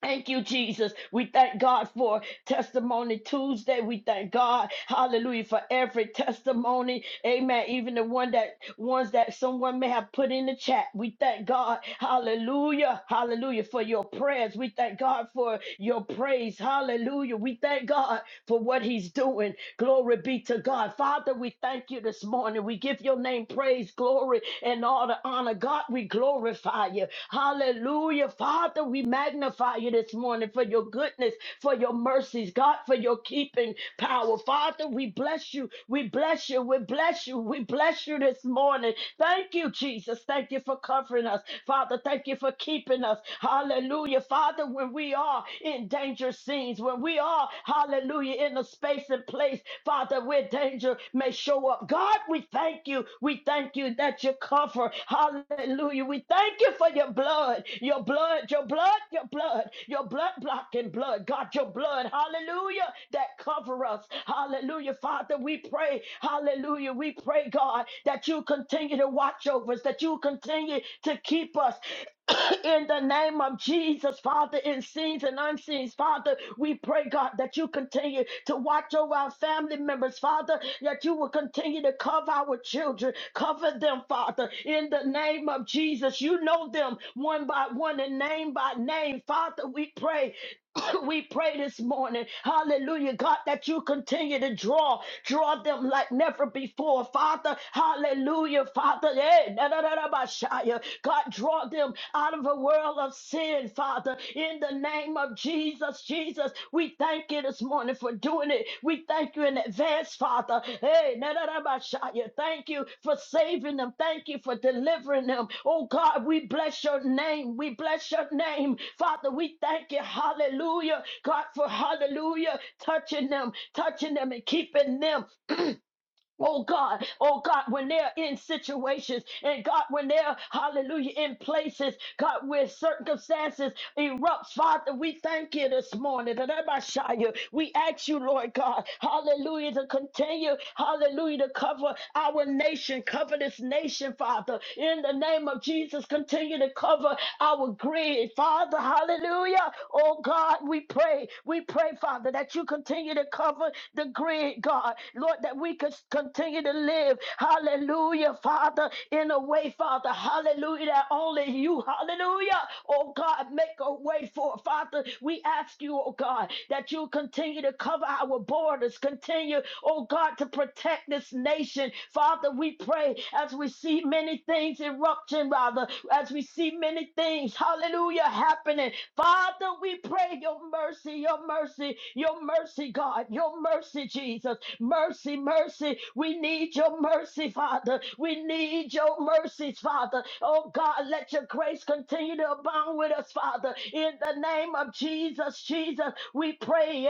[SPEAKER 2] Thank you, Jesus. We thank God for Testimony Tuesday. We thank God, hallelujah, for every testimony. Amen. Even the one that ones that someone may have put in the chat. We thank God, hallelujah, hallelujah, for your prayers. We thank God for your praise. Hallelujah. We thank God for what he's doing. Glory be to God. Father, we thank you this morning. We give your name praise, glory, and all the honor. God, we glorify you. Hallelujah. Father, we magnify you this morning for your goodness, for your mercies, God, for your keeping power. Father, we bless you. We bless you. We bless you. We bless you this morning. Thank you, Jesus. Thank you for covering us. Father, thank you for keeping us. Hallelujah. Father, when we we are in danger scenes, when we are, hallelujah, in a space and place, Father, where danger may show up. God, we thank you. We thank you that you cover. Hallelujah. We thank you for your blood, your blood, your blood, your blood, your blood blocking blood. God, your blood, hallelujah, that cover us. Hallelujah. Father, we pray, hallelujah. We pray, God, that you continue to watch over us, that you continue to keep us. in the name of Jesus, Father, in scenes and unseen, Father, we pray, God, that you continue to watch over our family members, Father, that you will continue to cover our children, cover them, Father, in the name of Jesus. You know them one by one and name by name, Father, we pray we pray this morning, hallelujah, God, that you continue to draw, draw them like never before, Father, hallelujah, Father, eh, na- na- na- na- ba- God, draw them out of a world of sin, Father, in the name of Jesus, Jesus, we thank you this morning for for doing it. We thank you in advance, Father. Hey, na na na, ba, sha, ya. thank you for saving them. Thank you for delivering them. Oh God, we bless your name. We bless your name. Father, we thank you. Hallelujah. God, for hallelujah, touching them, touching them and keeping them. Oh God, oh God, when they're in situations and God, when they're, hallelujah, in places, God, where circumstances erupt, Father, we thank you this morning. that I might show you. We ask you, Lord God, hallelujah, to continue, hallelujah, to cover our nation, cover this nation, Father, in the name of Jesus, continue to cover our grid, Father, hallelujah. Oh God, we pray, we pray, Father, that you continue to cover the grid, God, Lord, that we we could continue to live, hallelujah, Father, in a way, Father, hallelujah, that only you, hallelujah, oh God, make a way for, Father. We ask you, oh God, that you continue to cover our borders, continue, oh God, to protect this nation. Father, we pray as we see many things erupting, rather, as we see many things, hallelujah, happening. Father, we pray your mercy, your mercy, your mercy, God, your mercy, Jesus mercy mercy, mercy. We need your mercy, Father. We need your mercies, Father. Oh God, let your grace continue to abound with us, Father. In the name of Jesus, Jesus, we pray.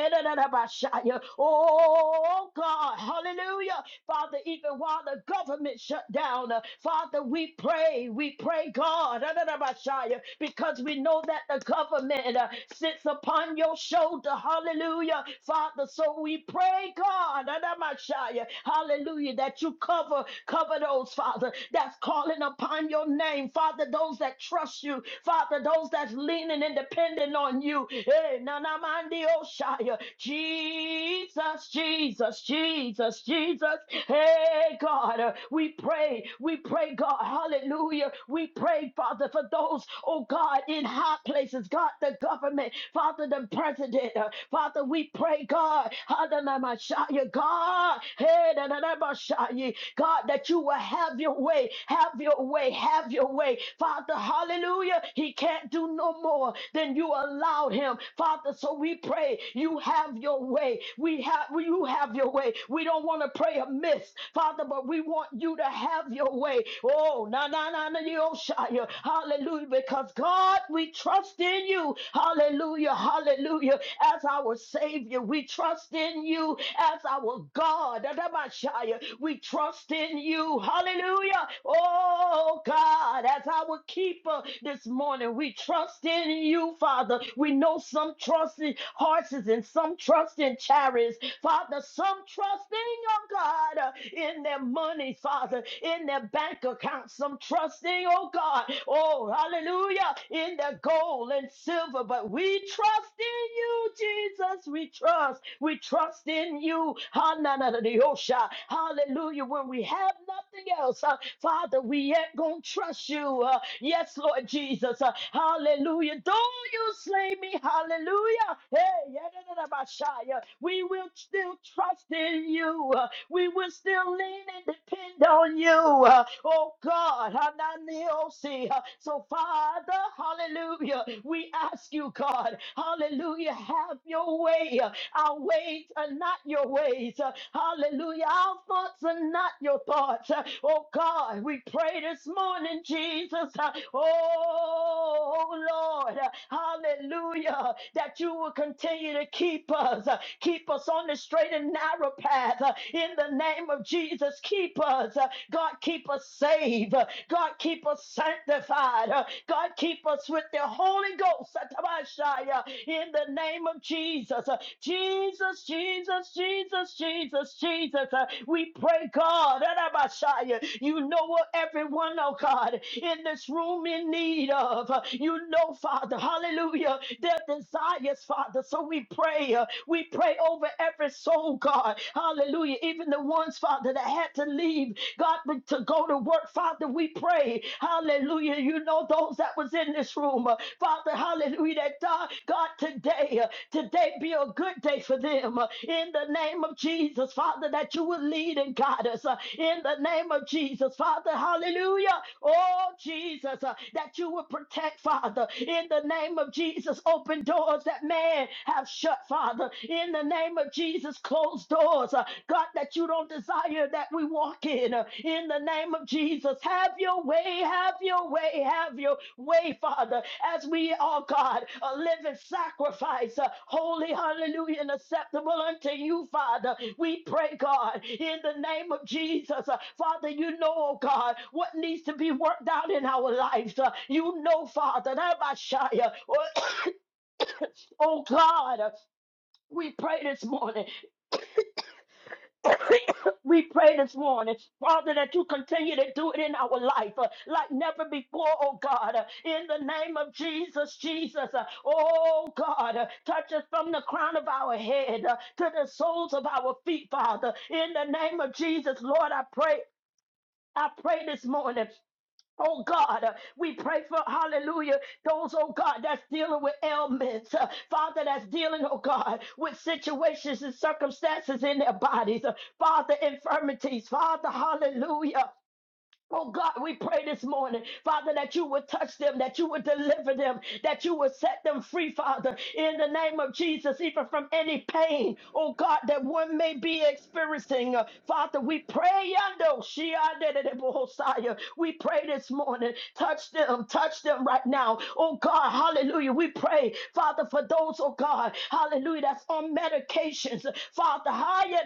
[SPEAKER 2] Oh God, hallelujah. Father, even while the government shut down, uh, Father, we pray, we pray, God, because we know that the government uh, sits upon your shoulder. Hallelujah. Father, so we pray, God. Messiah. Hallelujah. That you cover, cover those, Father, that's calling upon your name. Father, those that trust you. Father, those that's leaning and depending on you. Hey, Nanamandi Oshaya. Jesus, Jesus, Jesus, Jesus. Hey, God, uh, we pray. We pray, God. Hallelujah. We pray, Father, for those, oh God, in high places. God, the government. Father, the president. uh, Father, we pray, God. Hallelujah. Shaya, God, hey, da, da, da, ba, Shaya, God, that you will have your way, have your way, have your way. Father, hallelujah. He can't do no more than you allowed him. Father, so we pray you have your way. We have you have your way. We don't want to pray amiss, Father, but we want you to have your way. Oh, na na na na yo, Shia. Hallelujah. Because God, we trust in you. Hallelujah. Hallelujah. As our Savior, we trust in in you as our God. Adabashaya. We trust in you. Hallelujah. Oh God, as our keeper this morning, we trust in you, Father. We know some trust in horses and some trust in chariots. Father, some trust in your God uh, in their money, Father, in their bank account. Some trusting, oh God, oh hallelujah, in their gold and silver. But we trust in you, Jesus. We trust. We trust in you. ha na Hallelujah. When we have nothing else, uh, Father, we ain't going to trust you. Uh, yes, Lord Jesus. Uh, hallelujah. Though you slay me, hallelujah. Hey, ya we will still trust in you. Uh, we will still lean and depend on you. Uh, oh God, Hananiosi. Uh, so Father, hallelujah, we ask you, God, hallelujah, have your way. uh, our ways are not your ways. Uh, Hallelujah. Our thoughts are not your thoughts. Uh, Oh God, we pray this morning, Jesus. Uh, Oh Lord, uh, hallelujah, that you will continue to keep us, uh, keep us on the straight and narrow path. uh, In the name of Jesus, keep us. uh, God, keep us saved. uh, God, keep us sanctified. uh, God, keep us with with the Holy Ghost Satabashaya, in the name of Jesus. Jesus, Jesus, Jesus, Jesus, Jesus. Uh, We pray, God, Arabashaya, you know what everyone, oh God, in this room in need of. Uh, You know, Father, hallelujah, their desires, Father. So we pray, uh, we pray over every soul, God, hallelujah, even the ones, Father, that had to leave, God, but to go to work. Father, we pray. Hallelujah. You know those that was in this room. Uh, Father, hallelujah. That God, God today, uh, today be a good day for them. Uh, In the name of Jesus, Father, that you will lead and guide us. Uh, In the name of Jesus, Father, hallelujah. Oh, Jesus, uh, that you will protect, Father. In the name of Jesus, open doors that man have shut, Father. In the name of Jesus, closed doors, uh, God, that you don't desire that we walk in. uh, in the name of Jesus, have your way, have your way, have your way, Father, as we are, God, a living sacrifice, uh, holy, hallelujah, and acceptable unto you, Father. We pray, God, in the name of Jesus, uh, Father, you know, oh God, what needs to be worked out in our lives. uh, you know, Father, that I shall, oh, oh God, uh, we pray this morning we pray this morning, Father, that you continue to do it in our life uh, like never before, oh God. uh, in the name of Jesus, Jesus, uh, oh God, uh, touch us from the crown of our head uh, to the soles of our feet, Father. In the name of Jesus, Lord, I pray. I pray this morning Oh God, uh, we pray for hallelujah. Those, oh God, that's dealing with ailments, uh, Father, that's dealing, oh God, with situations and circumstances in their bodies, uh, Father, infirmities, Father, hallelujah. Oh God, we pray this morning, Father, that you would touch them, that you would deliver them, that you would set them free, Father, in the name of Jesus, even from any pain, oh God, that one may be experiencing. Uh, Father, we pray, Yando, Shiadededebohosaya. we pray this morning, touch them, touch them right now. Oh God, hallelujah. We pray, Father, for those, oh God, hallelujah, that's on medications. Father, higher,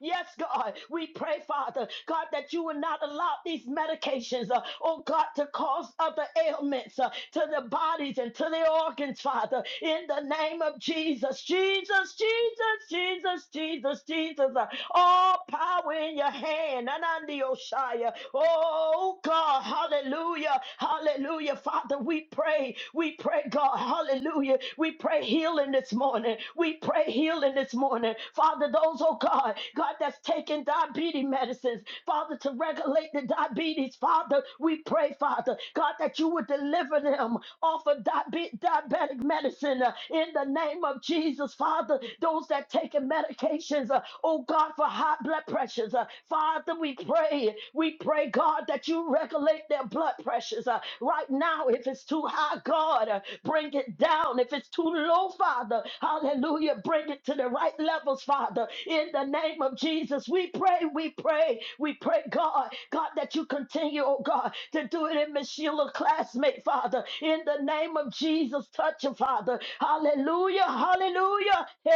[SPEAKER 2] yes, God, God. We pray, Father, God, that you will not allow these medications, uh, oh God, to cause other ailments uh, to the bodies and to the organs, Father, in the name of Jesus. Jesus, Jesus, Jesus, Jesus, Jesus. uh, all power in your hand. Anandi Oshaya. Oh God, hallelujah, hallelujah. Father, we pray, we pray, God, hallelujah. We pray healing this morning. We pray healing this morning. Father, Father, those, oh God, God, that's taking diabetes medicines, Father, to regulate the diabetes, Father, we pray, Father, God, that you would deliver them off of diabe- diabetic medicine uh, in the name of Jesus, Father. Those that taking medications, uh, oh God, for high blood pressures, uh, Father, we pray, we pray, God, that you regulate their blood pressures uh, right now. If it's too high, God, uh, bring it down. If it's too low, Father, hallelujah. Hallelujah. Bring it to the right levels, Father. In the name of Jesus, we pray, we pray, we pray, God, God, that you continue, oh God, to do it in Miss Sheila's classmate, Father. In the name of Jesus, touch her, Father. Hallelujah, hallelujah. Hey,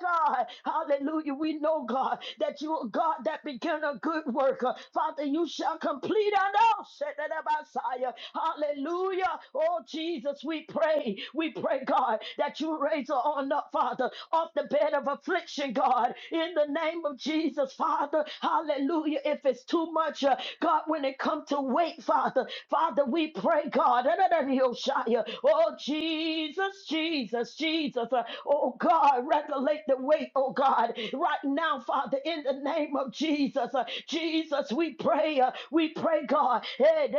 [SPEAKER 2] God, hallelujah. We know, God, that you are God that began a good work. Father, you shall complete our now. Hallelujah. Oh, Jesus, we pray today. We pray, God, that you raise her on up, Father, off the bed of affliction, God, in the name of Jesus, Father. Hallelujah. If it's too much, uh, God, when it comes to weight, Father, Father, we pray, God. Oh, Jesus, Jesus, Jesus. Uh, Oh, God, regulate the weight, oh, God, right now, Father, in the name of Jesus. Uh, Jesus, we pray. uh, We pray, God. Hey,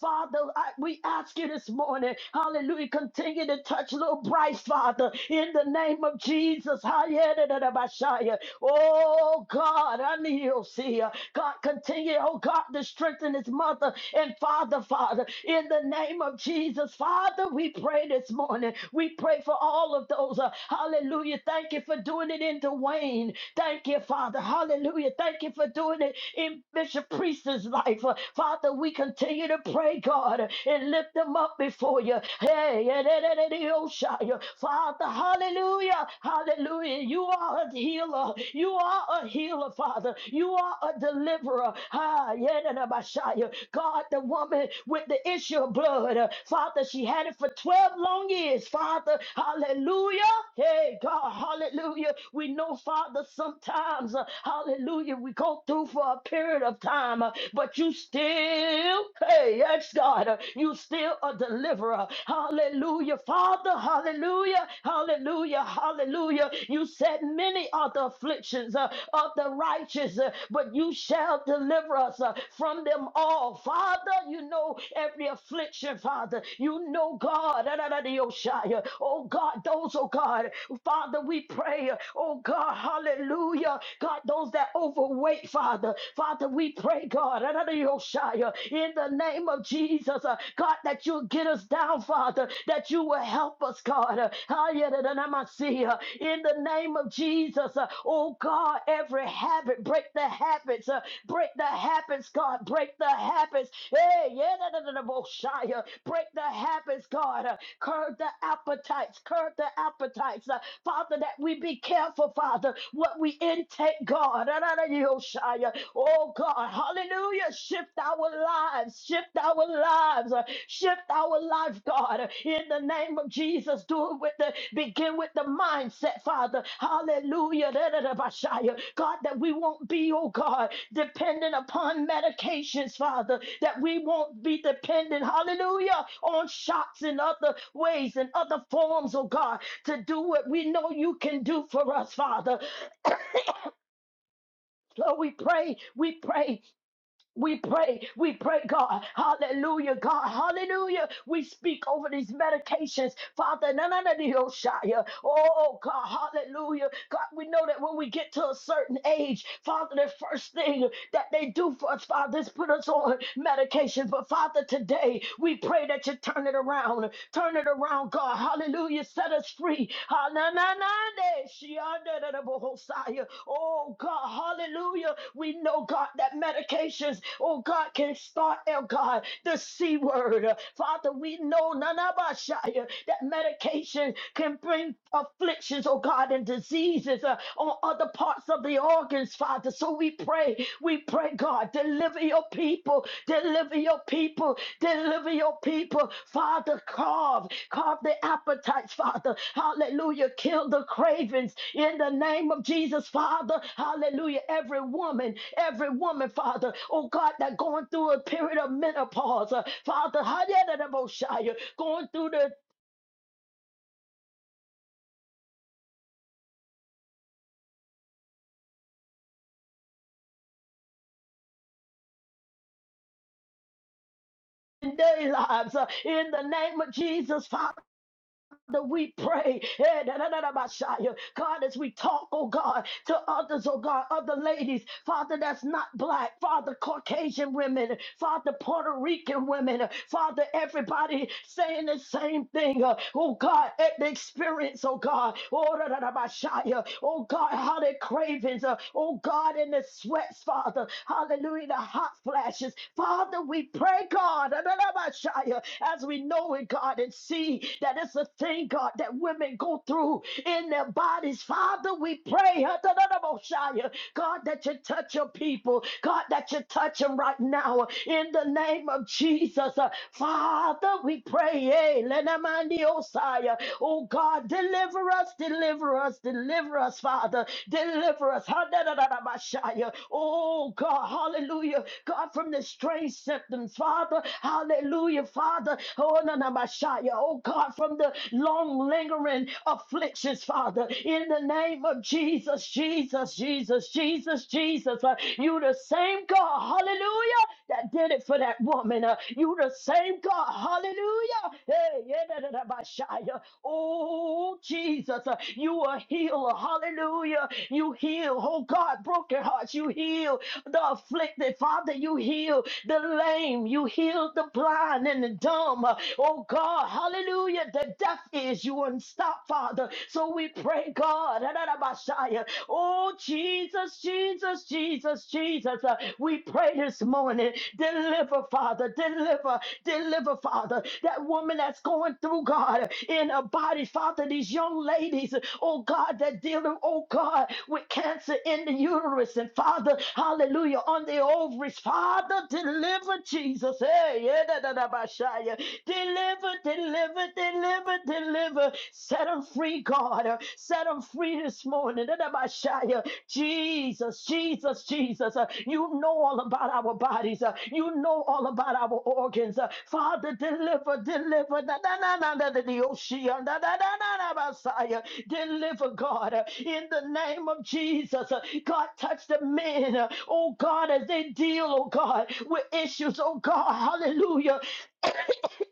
[SPEAKER 2] Father, Father, I, we ask you this morning, hallelujah, continue to touch little Bryce, Father, in the name of Jesus. Hallelujah. Oh, God, I need you, see. God, continue, oh, God, to strengthen his mother and father, Father, in the name of Jesus. Father, we pray this morning. We pray for all of those. uh, hallelujah. Thank you for doing it in Dwayne. Thank you, Father. Hallelujah. Thank you for doing it in Bishop Priest's life. Uh, Father, we continue to pray, God, and lift them up before you. Hey, eh, eh, eh, eh, eh, oh, Shia. Father, hallelujah, hallelujah. You are a healer. You are a healer, Father. You are a deliverer. Ah, yeah, eh, eh, eh, Shia. God, the woman with the issue of blood, uh, Father, she had it for 12 long years, Father, hallelujah. Hey, God, hallelujah. We know, Father, sometimes, uh, hallelujah, we go through for for a period of time, uh, but you still, hey, yes, God, uh, you still a deliverer. Hallelujah, Father, hallelujah, hallelujah, hallelujah. You said many are the afflictions uh, of the righteous, uh, but you shall deliver us uh, from them all. Father, you know every affliction, Father. You know, God, da, da, da, da, Yoshaya. oh God, those, oh God, Father, we pray, uh, oh God, hallelujah, God, those that overweight, Father. Father, we pray, God, Adonai-Oshaya, in the name of Jesus, uh, God, that you'll get us down, Father, that you will help us, God. Uh, Ayadadadamasiya, In the name of Jesus, uh, oh God, every habit, break the habits, uh, break the habits, God, break the habits. Hey, yeah, da, da, da, da, bo- shy, uh, break the habits, God. Uh, curb the appetites, curb the appetites, uh, Father, that we be be careful, Father, what we intake, God. Oh, God. Hallelujah. Shift our lives. Shift our lives. uh, Shift our life, God. In the name of Jesus, do it with the begin with the mindset, Father. Hallelujah. God, that we won't be, oh God, dependent upon medications, Father, that we won't be dependent, hallelujah, on shots and other ways and other forms, oh God, to do what we know you can do for us, Father. So we pray, we pray. We pray, we pray, God. Hallelujah, God. Hallelujah. We speak over these medications, Father. No, no, no, no, Shia. Oh, God. Hallelujah. God, we know that when we get to a certain age, Father, the first thing that they do for us, Father. It's put us on medication. But Father, today we pray that you turn it around. Turn it around, God. Hallelujah. Set us free. Hananande, shiandadadabahosaya. Oh God, hallelujah. We know, God, that medications, oh God, can start, oh God, the C word. Father, we know nanabashaya, that medication can bring afflictions, oh God, and disease diseases uh, on other parts of the organs, Father. So we pray, we pray, God, deliver your people, deliver your people, deliver your people, Father. Carve, carve the appetites, Father. Hallelujah. Kill the cravings in the name of Jesus, Father. Hallelujah. Every woman, every woman, Father, oh God, that going through a period of menopause, uh, Father, hallelujah, going through the in their lives uh, in the name of Jesus, Father. Father, we pray. eh, da, da, da, da, ba, shia. God, as we talk, oh God, to others, oh God, other ladies, Father, that's not black, Father, Caucasian women, Father, Puerto Rican women, Father, everybody saying the same thing. uh, Oh God, at the experience, oh God, oh da, da, da, ba, shia. Oh, God, how their cravings, uh, oh God, in the sweats, Father, hallelujah, the hot flashes. Father, we pray, God, da, da, da, ba, shia as we know it, God, and see that it's a thing, God, that women go through in their bodies. Father, we pray, God, that you touch your people. God, that you touch them right now in the name of Jesus. Uh, Father, we pray, eh, lenamandiosai. oh God, deliver us, deliver us, deliver us, Father, deliver us. da da da da, Hadadadadabashai. Oh God, hallelujah. God, from the strange symptoms, Father. Hallelujah, Father. Oh, na- na- ma- Oh, God, from the long lingering afflictions, Father. In the name of Jesus, Jesus, Jesus, Jesus, Jesus. Uh, You the same God, hallelujah, that did it for that woman. Uh, You the same God, hallelujah. Hey, yeah, da- da- da- ba- sha- Oh, Jesus, uh, you a healer, hallelujah. You heal, oh God, broken hearts, you heal the afflicted. Father, you heal the lame, you heal the blind and the dumb. Oh God, hallelujah. The deaf is you and stop, Father. So we pray, God. Oh Jesus, Jesus, Jesus, Jesus. Uh, We pray this morning. Deliver, Father. Deliver, deliver, Father. That woman that's going going through, God, in a body. Father, these young ladies, oh God, that dealing, oh God, with cancer in the uterus. And Father, hallelujah, on the ovaries. Father, deliver Jesus. Hey, yeah, da, da, da, ba, sha, yeah. Deliver, deliver, deliver, deliver. Set them free, God. Set them free this morning. Da, da, ba, sha, yeah. Jesus, Jesus, Jesus. uh, You know all about our bodies. uh, You know all about our organs. uh, Father, deliver, deliver. na- na- na- na- na- na- the ocean, na- na- na- na- na- Messiah. Deliver, God, uh, in the name of Jesus. uh, God, touch the men, uh, oh God, as they deal, oh God, with issues, oh God. Hallelujah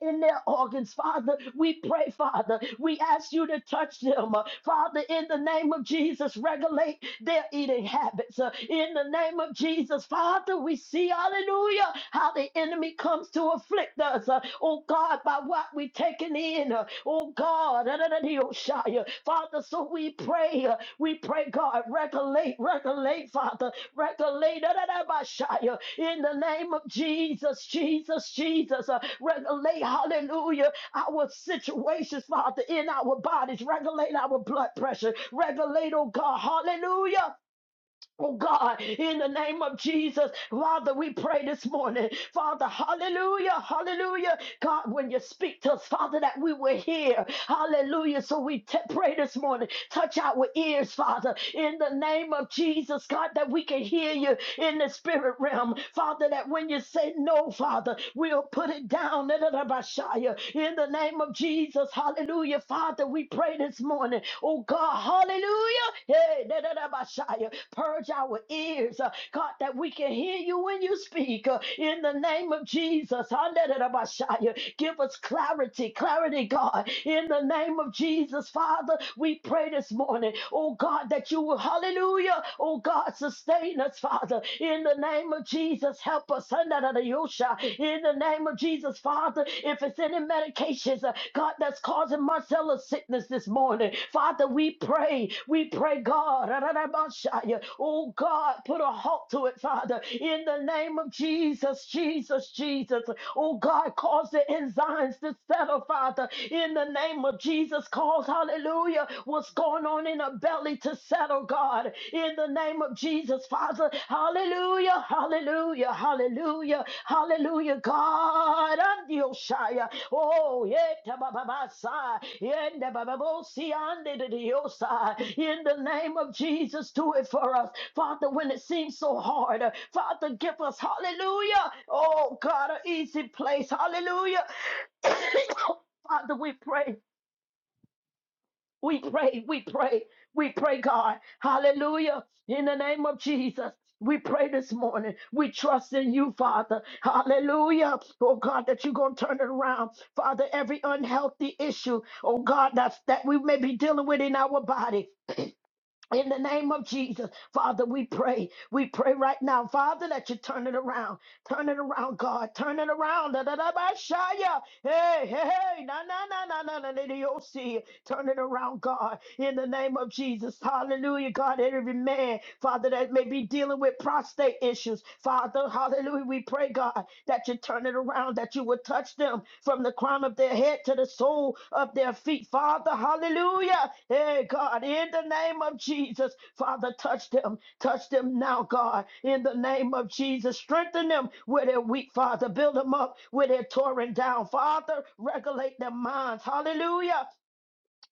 [SPEAKER 2] in their organs, Father. We pray, Father. We ask you to touch them, uh, Father, in the name of Jesus. Regulate their eating habits uh, in the name of Jesus. Father, we see, hallelujah, how the enemy comes to afflict us, uh, oh God, by what we're taking in, uh, oh God, da, da, da, dee, oh, shy, uh, Father. So we pray, uh, we pray, God, regulate, regulate, Father. Regulate Adabashaya, in the name of Jesus, Jesus, Jesus. Uh, Regulate, hallelujah, our situations, Father, in our bodies. Regulate our blood pressure. Regulate, oh God, hallelujah. Oh God, in the name of Jesus, Father, we pray this morning. Father, hallelujah, hallelujah. God, when you speak to us, Father, that we will hear. Hallelujah. So we t- pray this morning. Touch our ears, Father, in the name of Jesus, God, that we can hear you in the spirit realm. Father, that when you say no, Father, we'll put it down in the name of Jesus. Hallelujah. Father, we pray this morning. Oh God, hallelujah. Hey, da da da, ba, shia. purge our ears, uh, God, that we can hear you when you speak uh, in the name name of Jesus. Hallelujah. Give us clarity, clarity, God. In the name of Jesus, Father, we pray this morning, oh God, that you will, hallelujah, oh God, sustain us, Father. In the name of Jesus, help us. Hallelujah. In the name of Jesus, Father, if it's any medications, uh, God, that's causing Marcella's sickness this morning, Father, we pray, we pray, God, oh God, put a halt to it, Father in the name of Jesus, Jesus, Jesus. Oh God, cause the enzymes to settle, Father, in the name of Jesus. Cause, hallelujah, what's going on in her belly to settle, God, in the name of Jesus, Father. Hallelujah, hallelujah, hallelujah, hallelujah, God. And you, Shia. Oh, yeah, tabababasa, yeah, nabababosi, ande de diosa. in the name of Jesus, do it for us. Father, when it seems so hard, uh, Father, give us, hallelujah, oh God, an easy place, hallelujah. Father, we pray, we pray, we pray, we pray, God, hallelujah, in the name of Jesus. We pray this morning. We trust in you, Father. Hallelujah. Oh God, that you're going to turn it around. Father, every unhealthy issue, oh God, that's, that we may be dealing with in our body. In the name of Jesus, Father, we pray. We pray right now, Father, that you turn it around. Turn it around, God. Turn it around. Da, da, da, ba, shaya. Hey, hey, hey. Na, na, na, na, na, na, na, na, you'll see. Turn it around, God. In the name of Jesus. Hallelujah, God. Every man, Father, that may be dealing with prostate issues. Father, hallelujah. We pray, God that you turn it around, that you would touch them from the crown of their head to the sole of their feet. Father, hallelujah. Hey, God, in the name of Jesus, Father, touch them. Touch them now, God, in the name of Jesus. Strengthen them where they're weak, Father. Build them up where they're torn down. Father, regulate their minds. Hallelujah.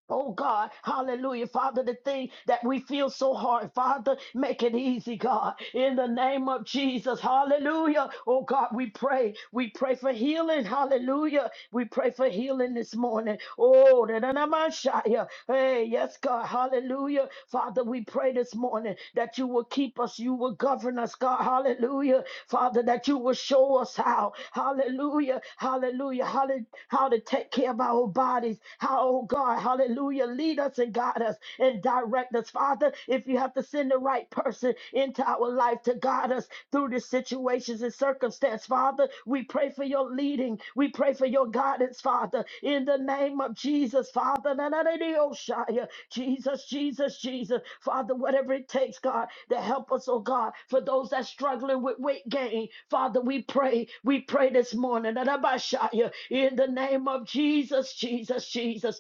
[SPEAKER 2] Oh God, hallelujah, Father, the thing that we feel so hard, Father, make it easy, God, in the name of Jesus, hallelujah. Oh God, we pray, we pray for healing, hallelujah. We pray for healing this morning. Oh, da da da ma sha hey, yes, God, hallelujah. Father, we pray this morning that you will keep us, you will govern us, God, hallelujah. Father, that you will show us how, hallelujah, hallelujah, how how to take care of our bodies, how, oh God. God. Hallelujah. Lead us and guide us and direct us, Father. If you have to send the right person into our life to guide us through the situations and circumstance, Father, we pray for your leading. We pray for your guidance, Father, in the name of Jesus, Father. Na, na, na, na, oh, Shia. Jesus, Jesus, Jesus, Father, whatever it takes, God, to help us, oh God, for those that struggling with weight gain, Father, we pray, we pray this morning, Na, na, ba, Shia. in the name of Jesus, Jesus, Jesus.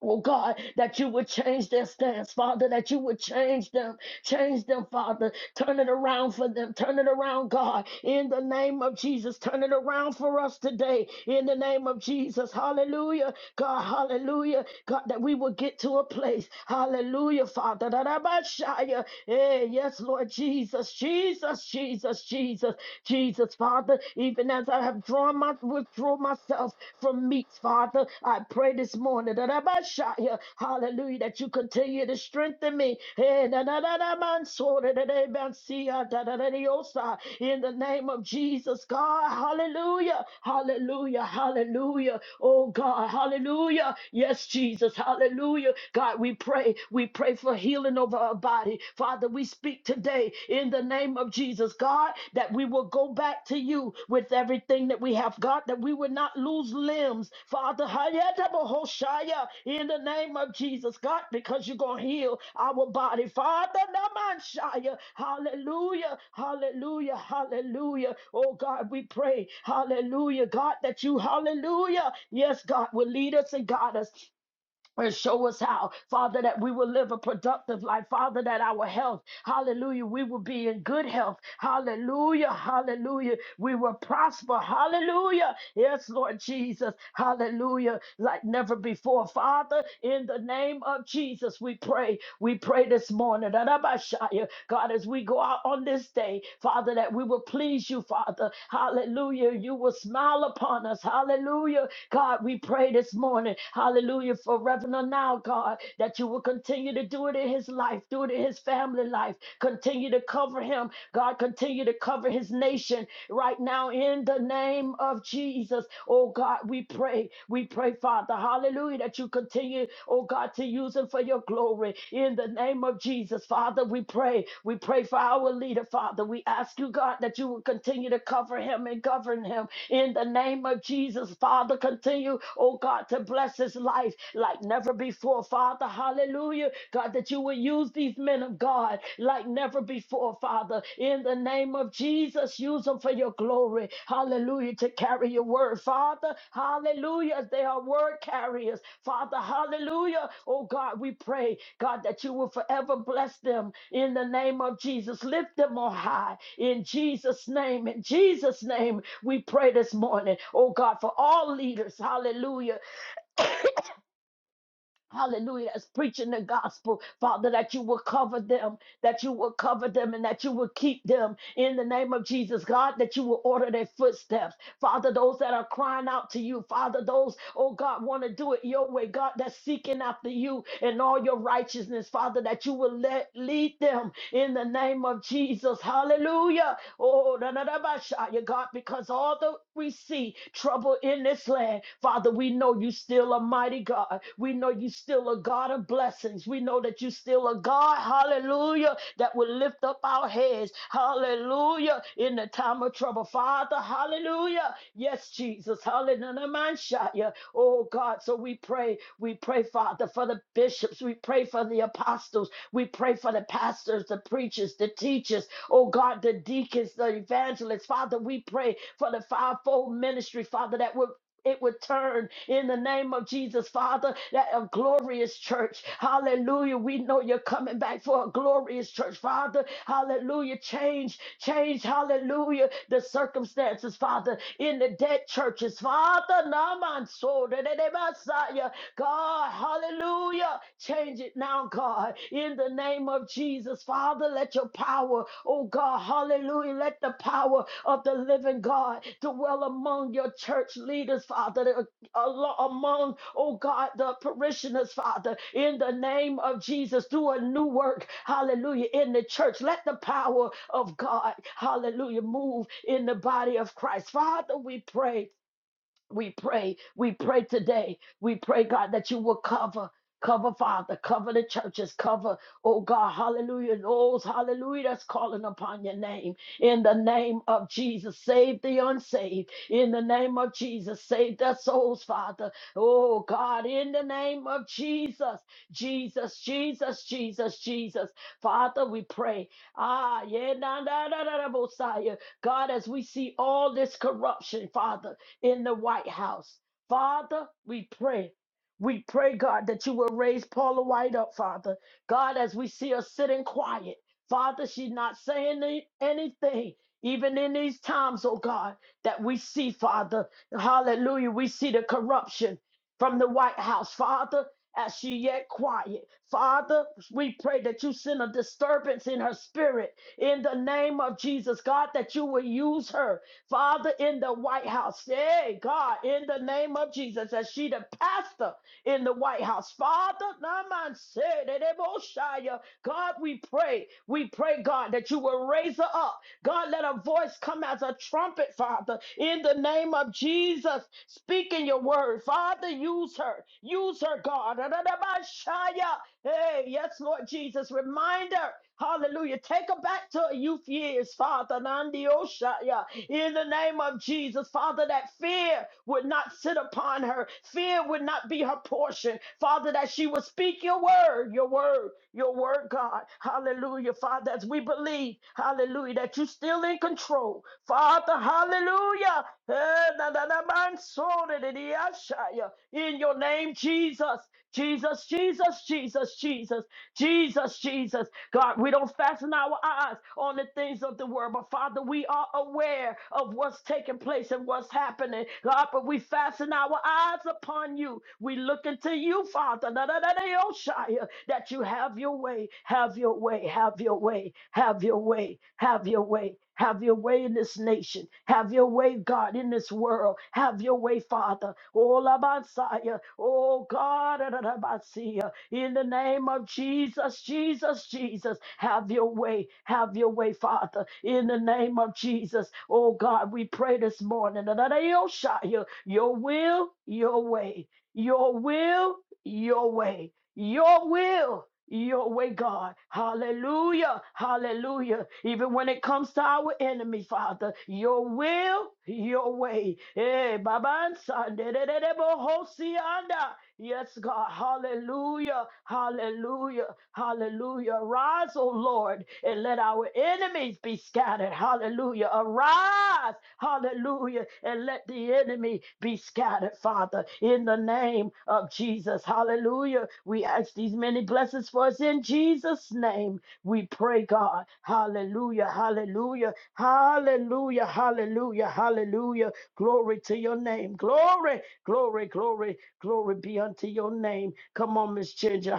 [SPEAKER 2] Oh God, that you would change their stance, Father, that you would change them, change them, Father. Turn it around for them, turn it around, God, in the name of Jesus. Turn it around for us today, in the name of Jesus. Hallelujah, God, hallelujah, God, that we will get to a place, hallelujah, Father. That I might shine. Hey, yes, Lord Jesus, Jesus, Jesus, Jesus, Jesus, Father. Even as I I have drawn my withdraw myself from meats, Father. I pray this morning that I might shout here, hallelujah, that you continue to strengthen me. Eh, na, na, na, na, man, so da, da, da, man, see, ah, da, da, da, de, oh, sa. In the name of Jesus, God, hallelujah, hallelujah, hallelujah. Oh God, hallelujah. Yes, Jesus, hallelujah. God, we pray, we pray for healing over our body. Father, we speak today in the name of Jesus, God, that we will go back to you with everything that we have, God, that we would not lose limbs, Father. Hayatabahoshaya, In the name of Jesus, God, because you're going to heal our body, Father. Namanshaya, Hallelujah, hallelujah, hallelujah. Oh, God, we pray, hallelujah, God, that you, hallelujah, yes, God, will lead us and guide us and show us how, Father, that we will live a productive life. Father, that our health, hallelujah, we will be in good health. Hallelujah, hallelujah. We will prosper. Hallelujah. Yes, Lord Jesus. Hallelujah. Like never before. Father, in the name of Jesus, we pray. We pray this morning. Rabashaya. God, as we go out on this day, Father, that we will please you, Father. Hallelujah. You will smile upon us. Hallelujah. God, we pray this pray this morning, hallelujah, for Reverend now, God, that you will continue to do it in his life, do it in his family life, continue to cover him, God, continue to cover his nation right now in the name of Jesus. Oh God, we pray, we pray, Father, hallelujah, that you continue, oh God, to use him for your glory in the name of Jesus. Father, we pray, we pray for our leader, Father. We ask you, God, that you will continue to cover him and govern him in the name of Jesus. Jesus, Father, continue, oh God, to bless his life like never before, Father. Hallelujah. God, that you will use these men of God like never before, Father. In the name of Jesus, use them for your glory. Hallelujah. To carry your word, Father. Hallelujah. They are word carriers, Father. Hallelujah. Oh God, we pray, God, that you will forever bless them in the name of Jesus. Lift them on high in Jesus' name. In Jesus' name. We pray this morning, oh God, for all leaders, hallelujah, hallelujah, that's preaching the gospel, Father, that you will cover them, that you will cover them, and that you will keep them in the name of Jesus, God, that you will order their footsteps. Father, those that are crying out to you, Father, those, oh God, want to do it your way, God, that's seeking after you and all your righteousness, Father, that you will let lead them in the name of Jesus, hallelujah. Oh, da, da, da, ba, sha, ya God, because although we see trouble in this land, Father, we know you still a mighty God. We know you still a God of blessings. We know that you still a God, hallelujah, that will lift up our heads, hallelujah, in the time of trouble. Father, hallelujah. Hallelujah. Yes, Jesus. Hallelujah. Oh God. So we pray. We pray, Father, for the bishops. We pray for the apostles. We pray for the pastors, the preachers, the teachers. Oh God, the deacons, the evangelists. Father, we pray for the fivefold ministry, Father, that would it would turn in the name of Jesus, Father, that a glorious church. Hallelujah. We know you're coming back for a glorious church, Father. Hallelujah. Change, change, hallelujah, the circumstances, Father, in the dead churches, Father. Ramanso, Dedebasaya. God, hallelujah. Change it now, God, in the name of Jesus. Father, let your power, oh God, hallelujah. Let the power of the living God dwell among your church leaders, Father, that alo- among, oh God, the parishioners, Father, in the name of Jesus. Do a new work, hallelujah, in the church. Let the power of God, hallelujah, move in the body of Christ. Father, we pray we pray, we pray today. We pray, God, that you will cover, cover, Father, cover the churches, cover, oh God, hallelujah, those, hallelujah, that's calling upon your name. In the name of Jesus, save the unsaved. In the name of Jesus, save their souls, Father. Oh God, in the name of Jesus, Jesus, Jesus, Jesus, Jesus. Father, we pray. Ah, yeah, na, na, na, na, na, Messiah. God, as we see all this corruption, Father in the White House. Father, we pray. We pray, God, that you will raise Paula White up, Father. God, as we see her sitting quiet, Father, she's not saying any- anything, even in these times, oh God, that we see, Father. Hallelujah. We see the corruption from the White House, Father. As she yet quiet, Father, we pray that you send a disturbance in her spirit in the name of Jesus, God, that you will use her Father, in the White House, hey, God, in the name of Jesus, as she the pastor in the White House, Father, Naman said, God, we pray, we pray, God, that you will raise her up. God, let her voice come as a trumpet, Father, in the name of Jesus. Speak in your word, Father, use her, use her, God. Hey, yes, Lord Jesus. Reminder. Hallelujah. Take her back to her youth years, Father. Nandi Oshaya. In the name of Jesus, Father, that fear would not sit upon her. Fear would not be her portion. Father, that she would speak your word, your word, your word, God. Hallelujah. Father, as we believe, hallelujah, that you're still in control. Father, hallelujah. Eh, na, na, na, man, so, da, da, da, Ashaya. In your name, Jesus. Jesus, Jesus, Jesus, Jesus, Jesus, Jesus. God, we don't fasten our eyes on the things of the world, but Father, we are aware of what's taking place and what's happening. God, but we fasten our eyes upon you. We look into you, Father, na- na- na- na- yo, Shia, that you have your way, have your way, have your way, have your way, have your way. Have your way in this nation. Have your way, God, in this world. Have your way, Father. Oh, Labansaya. Oh, God. da, da, In the name of Jesus, Jesus, Jesus. Have your way. Have your way, Father. In the name of Jesus. Oh, God, we pray this morning. da, da, Your will, your way. Your will, your way your will your way, God. Hallelujah. Hallelujah. Even when it comes to our enemy, Father, your will, your way. Eh, Baba, Sunday, de- de- de- bo- si- Yes, God. Hallelujah. Hallelujah. Hallelujah. Arise, O Lord, and let our enemies be scattered. Hallelujah. Arise. Hallelujah. And let the enemy be scattered, Father, in the name of Jesus. Hallelujah. We ask these many blessings for us in Jesus' name. We pray, God. Hallelujah. Hallelujah. Hallelujah. Hallelujah. Hallelujah. Glory to your name. Glory, glory, glory, glory be unto your name. Come on, Miss Ginger.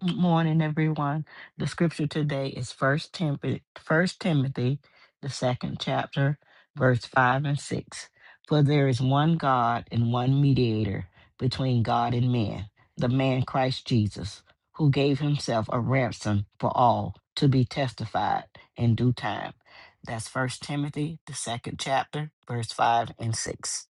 [SPEAKER 8] Good morning, everyone. The scripture today is First Timothy, First Timothy, the second chapter, verse five and six. For there is one God and one mediator between God and men, the man Christ Jesus, who gave himself a ransom for all to be testified in due time. That's First Timothy, the second chapter, verse five and six.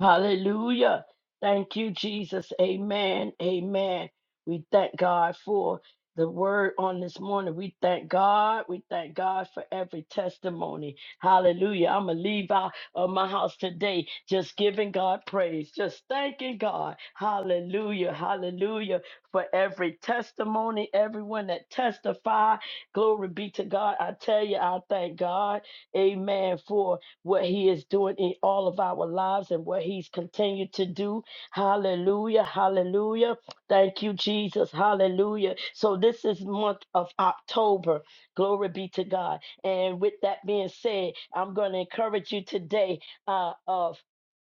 [SPEAKER 2] Hallelujah. Thank you, Jesus. Amen. Amen. We thank God for the word on this morning. We thank God. We thank God for every testimony. Hallelujah. I'm going to leave out of my house today just giving God praise, just thanking God. Hallelujah. Hallelujah. For every testimony, everyone that testify. Glory be to God. I tell you, I thank God. Amen. For what He is doing in all of our lives and what He's continued to do. Hallelujah. Hallelujah. Thank you, Jesus. Hallelujah. So this is month of October. Glory be to God. And with that being said, I'm going to encourage you today uh, of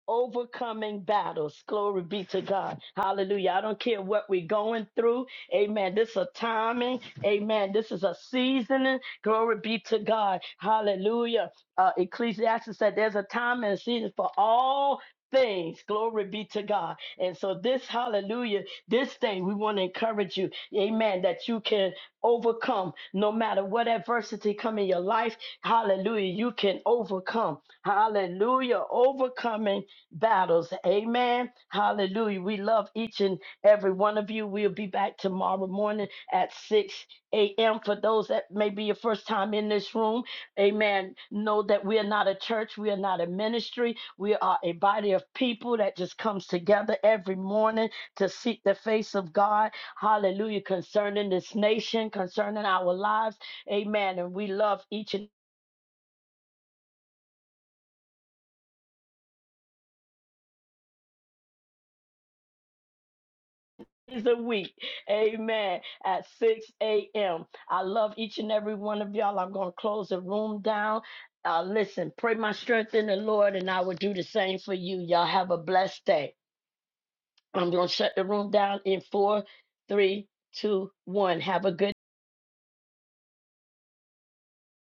[SPEAKER 2] overcoming battles. Glory be to God. Hallelujah. I don't care what we're going through. Amen. This is a timing. Amen. This is a seasoning. Glory be to God. Hallelujah uh, Ecclesiastes said there's a time and a season for all things. Glory be to God. And so this hallelujah, this thing we want to encourage you, amen, that you can overcome no matter what adversity come in your life. Hallelujah, you can overcome. Hallelujah, overcoming battles. Amen. Hallelujah. We love each and every one of you. We'll be back tomorrow morning at 6 a.m. for those that may be your first time in this room. Amen. Know that we are not a church. We are not a ministry. We are a body of people that just comes together every morning to seek the face of God. Hallelujah. Concerning this nation, concerning our lives. Amen. And we love each and every week. Amen. At 6 a.m. I love each and every one of y'all. I'm going to close the room down. Uh, listen, pray my strength in the Lord, and I will do the same for you. Y'all have a blessed day. I'm going to shut the room down in four, three, two, one. Have a good